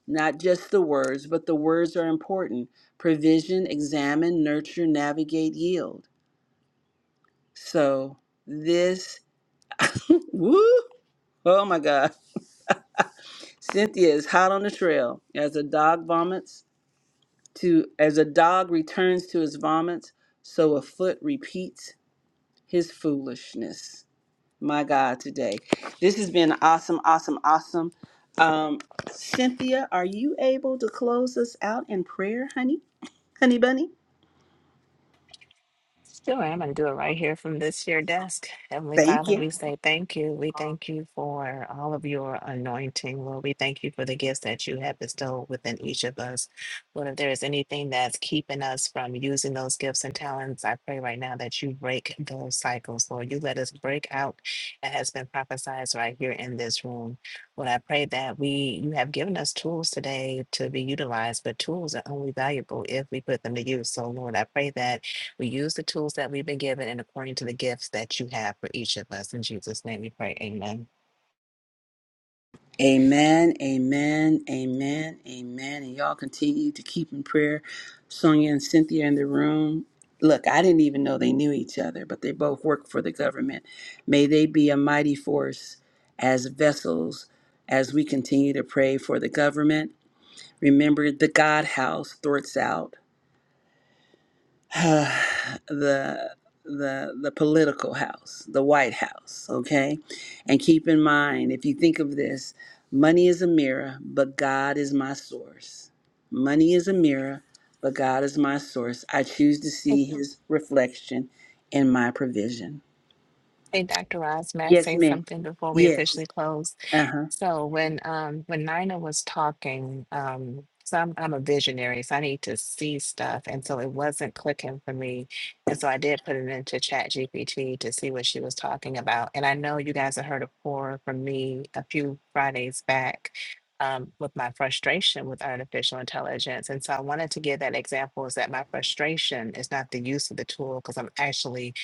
Speaker 1: not just the words, but the words are important provision, examine, nurture, navigate, yield. So this, woo, oh my God. Cynthia is hot on the trail. As a dog vomits to, as a dog returns to his vomits, so a foot repeats his foolishness. My God, today. This has been awesome, awesome, awesome. Um, Cynthia, are you able to close us out in prayer, honey? Honey bunny?
Speaker 5: Sure, I'm going to do it right here from this here desk. Heavenly
Speaker 1: Thank
Speaker 5: Father,
Speaker 1: you.
Speaker 5: we say thank you. We thank you for all of your anointing, Lord. We thank you for the gifts that you have bestowed within each of us. Lord, if there is anything that's keeping us from using those gifts and talents, I pray right now that you break those cycles, Lord. You let us break out that has been prophesied right here in this room. Lord, I pray that we you have given us tools today to be utilized, but tools are only valuable if we put them to use. So, Lord, I pray that. We use the tools that we've been given and according to the gifts that you have for each of us. In Jesus' name we pray. Amen.
Speaker 1: Amen, amen, amen, amen. And y'all continue to keep in prayer Sonia and Cynthia in the room. Look, I didn't even know they knew each other, but they both work for the government. May they be a mighty force as vessels as we continue to pray for the government. Remember the God house, thwarts out. the the the political house, the White House, okay? And keep in mind, if you think of this, money is a mirror, but God is my source. Money is a mirror, but God is my source. I choose to
Speaker 5: Hey,
Speaker 1: see his reflection in my provision.
Speaker 5: hey, Dr. Ross, may I
Speaker 1: Yes,
Speaker 5: say
Speaker 1: ma'am.
Speaker 5: something before we
Speaker 1: Yes.
Speaker 5: officially close?
Speaker 1: Uh-huh.
Speaker 5: So when um when Nina was talking, um, so I'm I'm a visionary, so I need to see stuff, and so it wasn't clicking for me, and so I did put it into Chat GPT to see what she was talking about, and I know you guys have heard a pour from me a few Fridays back. Um, with my frustration with artificial intelligence. And so I wanted to give that example is that my frustration is not the use of the tool because I'm actually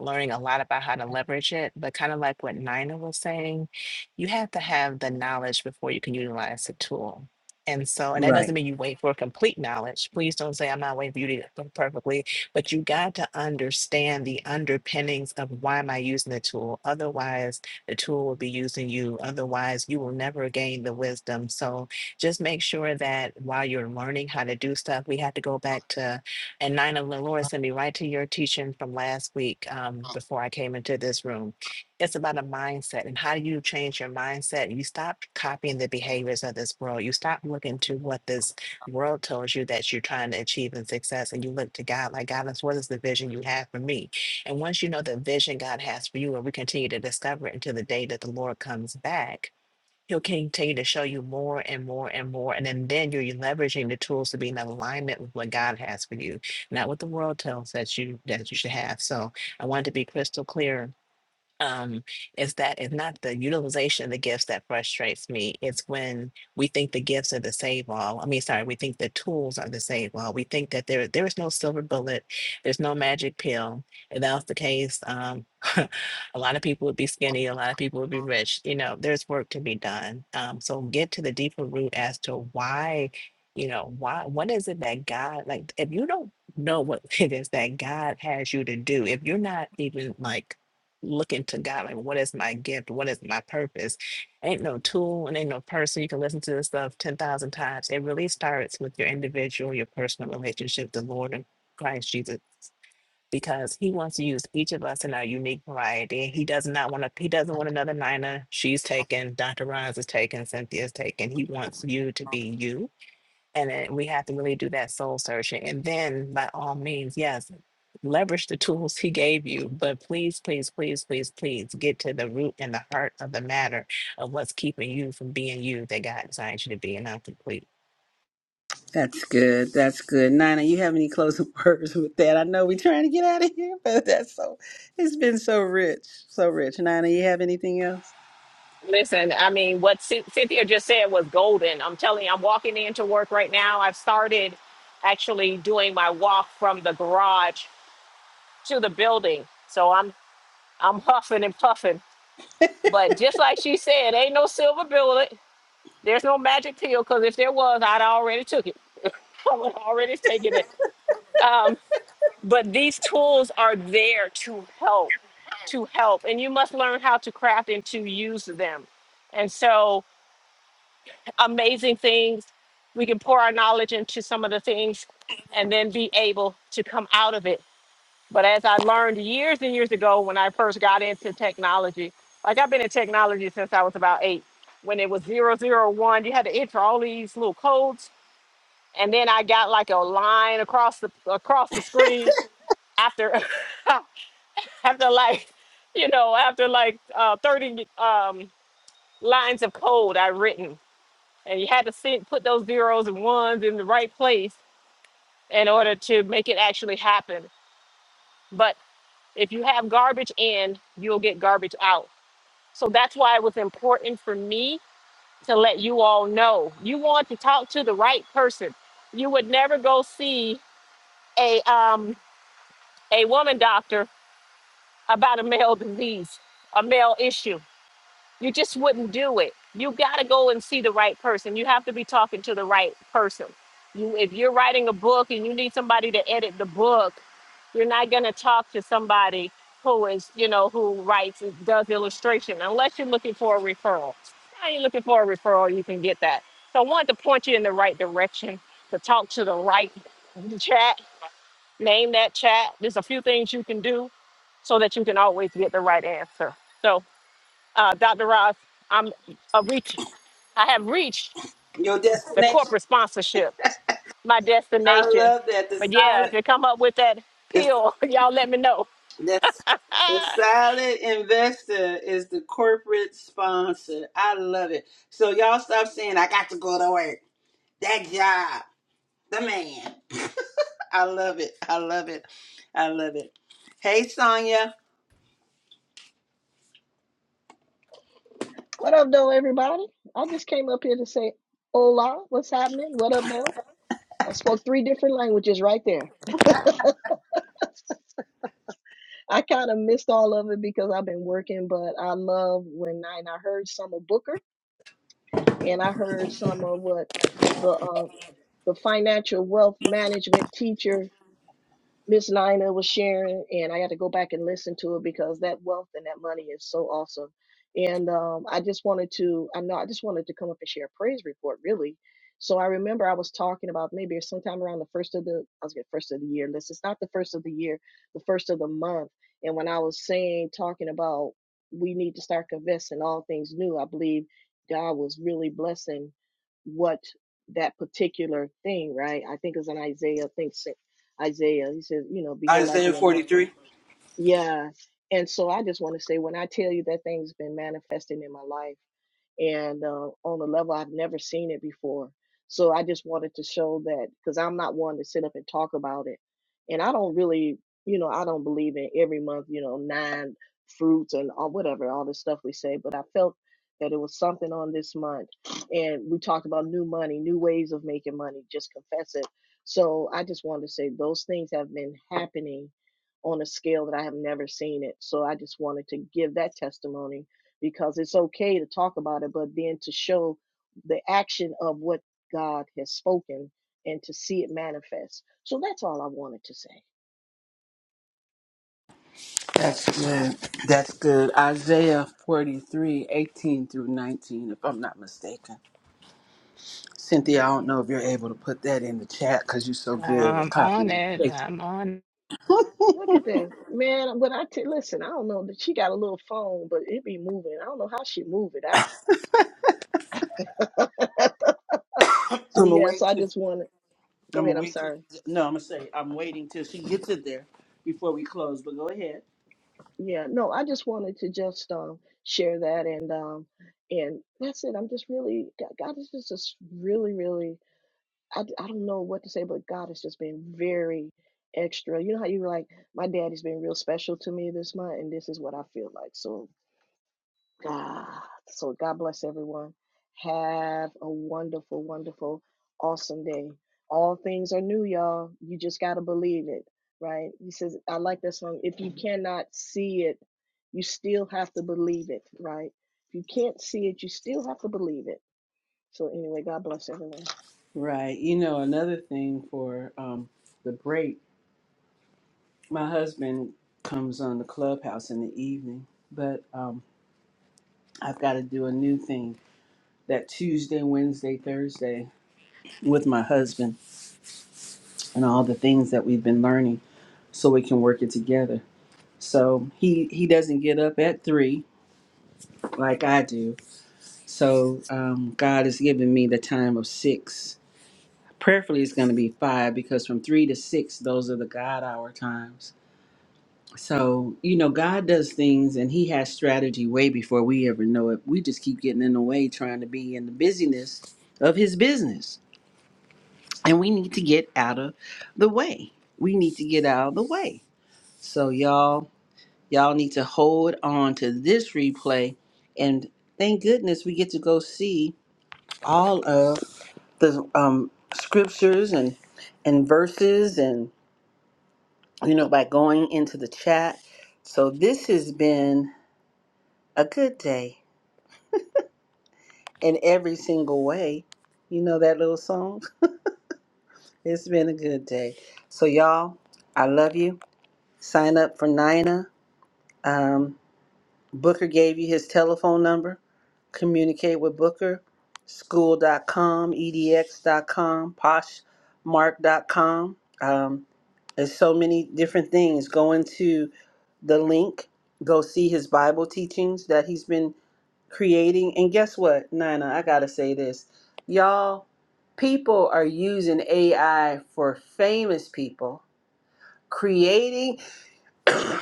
Speaker 5: learning a lot about how to leverage it. But kind of like what Nina was saying, you have to have the knowledge before you can utilize the tool. And so, and that
Speaker 1: Right.
Speaker 5: doesn't mean you wait for complete knowledge. Please don't say, I'm not waiting for you to get it perfectly, but you got to understand the underpinnings of why am I using the tool? Otherwise, the tool will be using you. Otherwise, you will never gain the wisdom. So just make sure that while you're learning how to do stuff, we had to go back to, and Nina Lenore sent me right to your teaching from last week um, before I came into this room it's about a mindset and how do you change your mindset? You stop copying the behaviors of this world. You stop looking to what this world tells you that you're trying to achieve in success and you look to God like God, that's what is the vision you have for me? And once you know the vision God has for you and we continue to discover it until the day that the Lord comes back, He'll continue to show you more and more and more. And then, then you're leveraging the tools to be in alignment with what God has for you, not what the world tells that you that you should have. So I wanted to be crystal clear um, is that it's not the utilization of the gifts that frustrates me. It's when we think the gifts are the save all. I mean, sorry, we think the tools are the save all. We think that there there is no silver bullet, there's no magic pill. If that was the case, um, a lot of people would be skinny, a lot of people would be rich. You know, there's work to be done. Um, so get to the deeper root as to why. You know, why, what is it that God, like, if you don't know what it is that God has you to do, if you're not even like looking to God, like, what is my gift? What is my purpose? Ain't no tool and ain't no person. You can listen to this stuff 10,000 times. It really starts with your individual, your personal relationship, with the Lord and Christ Jesus, because He wants to use each of us in our unique variety. He does not want to, He doesn't want another Nina. She's taken, Dr. Roz is taken, Cynthia's taken. He wants you to be you. And then we have to really do that soul searching. And then, by all means, yes, leverage the tools he gave you, but please, please, please, please, please get to the root and the heart of the matter of what's keeping you from being you that God designed you to be. And I'm complete.
Speaker 1: That's good. That's good. Nina, you have any closing words with that? I know we're trying to get out of here, but that's so it's been so rich. So rich. Nina, you have anything else?
Speaker 3: Listen, I mean, what Cy- Cynthia just said was golden. I'm telling you, I'm walking into work right now. I've started actually doing my walk from the garage to the building. So I'm. I'm huffing and puffing. But just like she said, ain't no silver bullet. There's no magic pill because if there was, I'd already took it. I would already taken it. Um, but these tools are there to help, to help, and you must learn how to craft and to use them. And so, amazing things. We can pour our knowledge into some of the things, and then be able to come out of it But as I learned years and years ago when I first got into technology, like I've been in technology since I was about eight, when it was zero zero one, you had to enter all these little codes. And then I got like a line across the across the screen after after like, you know, after like uh, 30 um, lines of code I written. And you had to sit, put those zeros and ones in the right place in order to make it actually happen. But if you have garbage in, you'll get garbage out So that's why it was important for me to let you all know. You want to talk to the right person. You would never go see a um a woman doctor about a male disease, a male issue. You just wouldn't do it. You got to go and see the right person. You have to be talking to the right person. You, if you're writing a book and you need somebody to edit the book, you're not going to talk to somebody who is, you know, who writes and does illustration unless you're looking for a referral. Now you're looking for a referral, you can get that. So I wanted to point you in the right direction to talk to the right chat, name that chat. There's a few things you can do so that you can always get the right answer. So uh, Dr. Ross, I'm a reach. I have reached
Speaker 1: Your
Speaker 3: the
Speaker 1: destination.
Speaker 3: corporate sponsorship, my
Speaker 1: I
Speaker 3: destination.
Speaker 1: love that. The
Speaker 3: But yeah, if
Speaker 1: silent
Speaker 3: you come up with that
Speaker 1: the,
Speaker 3: pill, y'all let me know.
Speaker 1: the, the silent investor is the corporate sponsor. I love it. So y'all stop saying I got to go to work. That job. The man. I love it. I love it. I love it. Hey Sonya.
Speaker 6: What up, though, everybody? I just came up here to say hola, what's happening? What up, though? I spoke three different languages right there. I kind of missed all of it because I've been working, but I love when I, and I heard some of Booker and I heard some of what the uh, the financial wealth management teacher Miss Nina was sharing, and I got to go back and listen to it because that wealth and that money is so awesome. And um, I just wanted to, I know, I just wanted to come up and share a praise report, really. So I remember I was talking about maybe sometime around the first of the, I was going first of the year. Listen, it's not the first of the year, the first of the month. And when I was saying, talking about we need to start confessing all things new, I believe God was really blessing what that particular thing, right? I think it was in Isaiah, I think Isaiah. He says, you know, behold, I
Speaker 1: Isaiah
Speaker 6: do a new thing.
Speaker 1: 43.
Speaker 6: Yeah. And so I just want to say, when I tell you that thing's been manifesting in my life, and uh, on a level I've never seen it before. So I just wanted to show that because I'm not one to sit up and talk about it, and I don't really, you know, I don't believe in every month, you know, nine fruits and all whatever all this stuff we say. But I felt that it was something on this month, and we talked about new money, new ways of making money. Just confess it. So I just wanted to say those things have been happening on a scale that I have never seen it. So I just wanted to give that testimony because it's okay to talk about it, but then to show the action of what God has spoken and to see it manifest. So that's all I wanted to say.
Speaker 1: That's good. That's good. Isaiah 43, 18 through 19, if I'm not mistaken. Cynthia, I
Speaker 6: Yeah,
Speaker 1: don't know if you're able to put that in the chat because you're so good with
Speaker 5: I'm
Speaker 1: copying.
Speaker 5: on
Speaker 1: and
Speaker 5: it.
Speaker 1: paste.
Speaker 5: I'm on.
Speaker 6: look at this, man. When I t- listen, I don't know that she got a little phone, but it be moving. I don't know how she move it. I, I
Speaker 1: I'm
Speaker 6: so
Speaker 1: gonna
Speaker 6: yeah.
Speaker 1: wait.
Speaker 6: So I
Speaker 1: Till,
Speaker 6: just want to go
Speaker 1: I'm gonna
Speaker 6: ahead. I'm
Speaker 1: wait. Till
Speaker 6: sorry.
Speaker 1: she, no, I'm gonna say I'm waiting till she gets it there before we close. But go ahead.
Speaker 6: Yeah, no, I just wanted to just um share that and um and that's it. I'm just really God God is just just really really I, d- I don't know what to say, but God has just been very extra. You know how you were like, my daddy's been real special to me this month, and this is what I feel like. So God, so God bless everyone. Have a wonderful, wonderful, awesome day. All things are new, y'all. You just gotta believe it, right? He says, I like that song. If you cannot see it, you still have to believe it, right? If you can't see it, you still have to believe it. So anyway, God bless everyone.
Speaker 1: Right. You know, another thing for um, the break, my husband comes on the clubhouse in the evening, but um, I've got to do a new thing that Tuesday, Wednesday, Thursday with my husband and all the things that we've been learning so we can work it together So he he doesn't get up at three like I do. So um, God has given me the time of six. Prayerfully, it's going to be five because from three to six, those are the God hour times. So you know, God does things, and He has strategy way before we ever know it. We just keep getting in the way, trying to be in the busyness of His business, and we need to get out of the way. We need to get out of the way. So y'all. Y'all need to hold on to this replay. And thank goodness we get to go see all of the um, scriptures and, and verses and, you know, by going into the chat. So this has been a good day in every single way. You know that little song? It's been a good day. So, y'all, I love you. Sign up for Nina. Um, Booker gave you his telephone number. Communicate with Booker. School dot dot com, com, edx dot com, poshmark dot com. Um, there's so many different things. Go into the link, go see his Bible teachings that he's been creating. And guess what, Nina? I got to say this. Y'all, people are using AI for famous people, creating a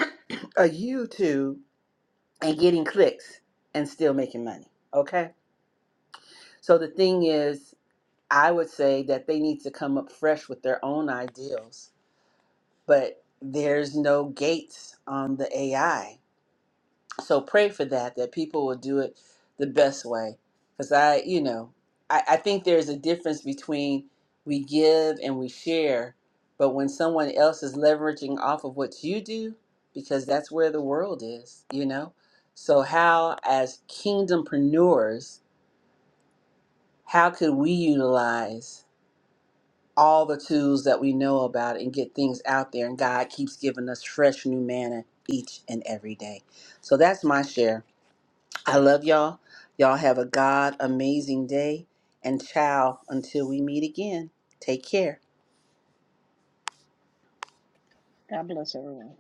Speaker 1: YouTube and getting clicks and still making money. Okay. So the thing is, I would say that they need to come up fresh with their own ideals, but there's no gates on the AI so pray for that that people will do it the best way because i you know I, I think there's a difference between we give and we share but when someone else is leveraging off of what you do because that's where the world is you know so how as kingdompreneurs how could we utilize all the tools that we know about and get things out there and god keeps giving us fresh new manna each and every day so that's my share I love y'all. Y'all have a God amazing day. And ciao until we meet again. Take care.
Speaker 6: God bless everyone.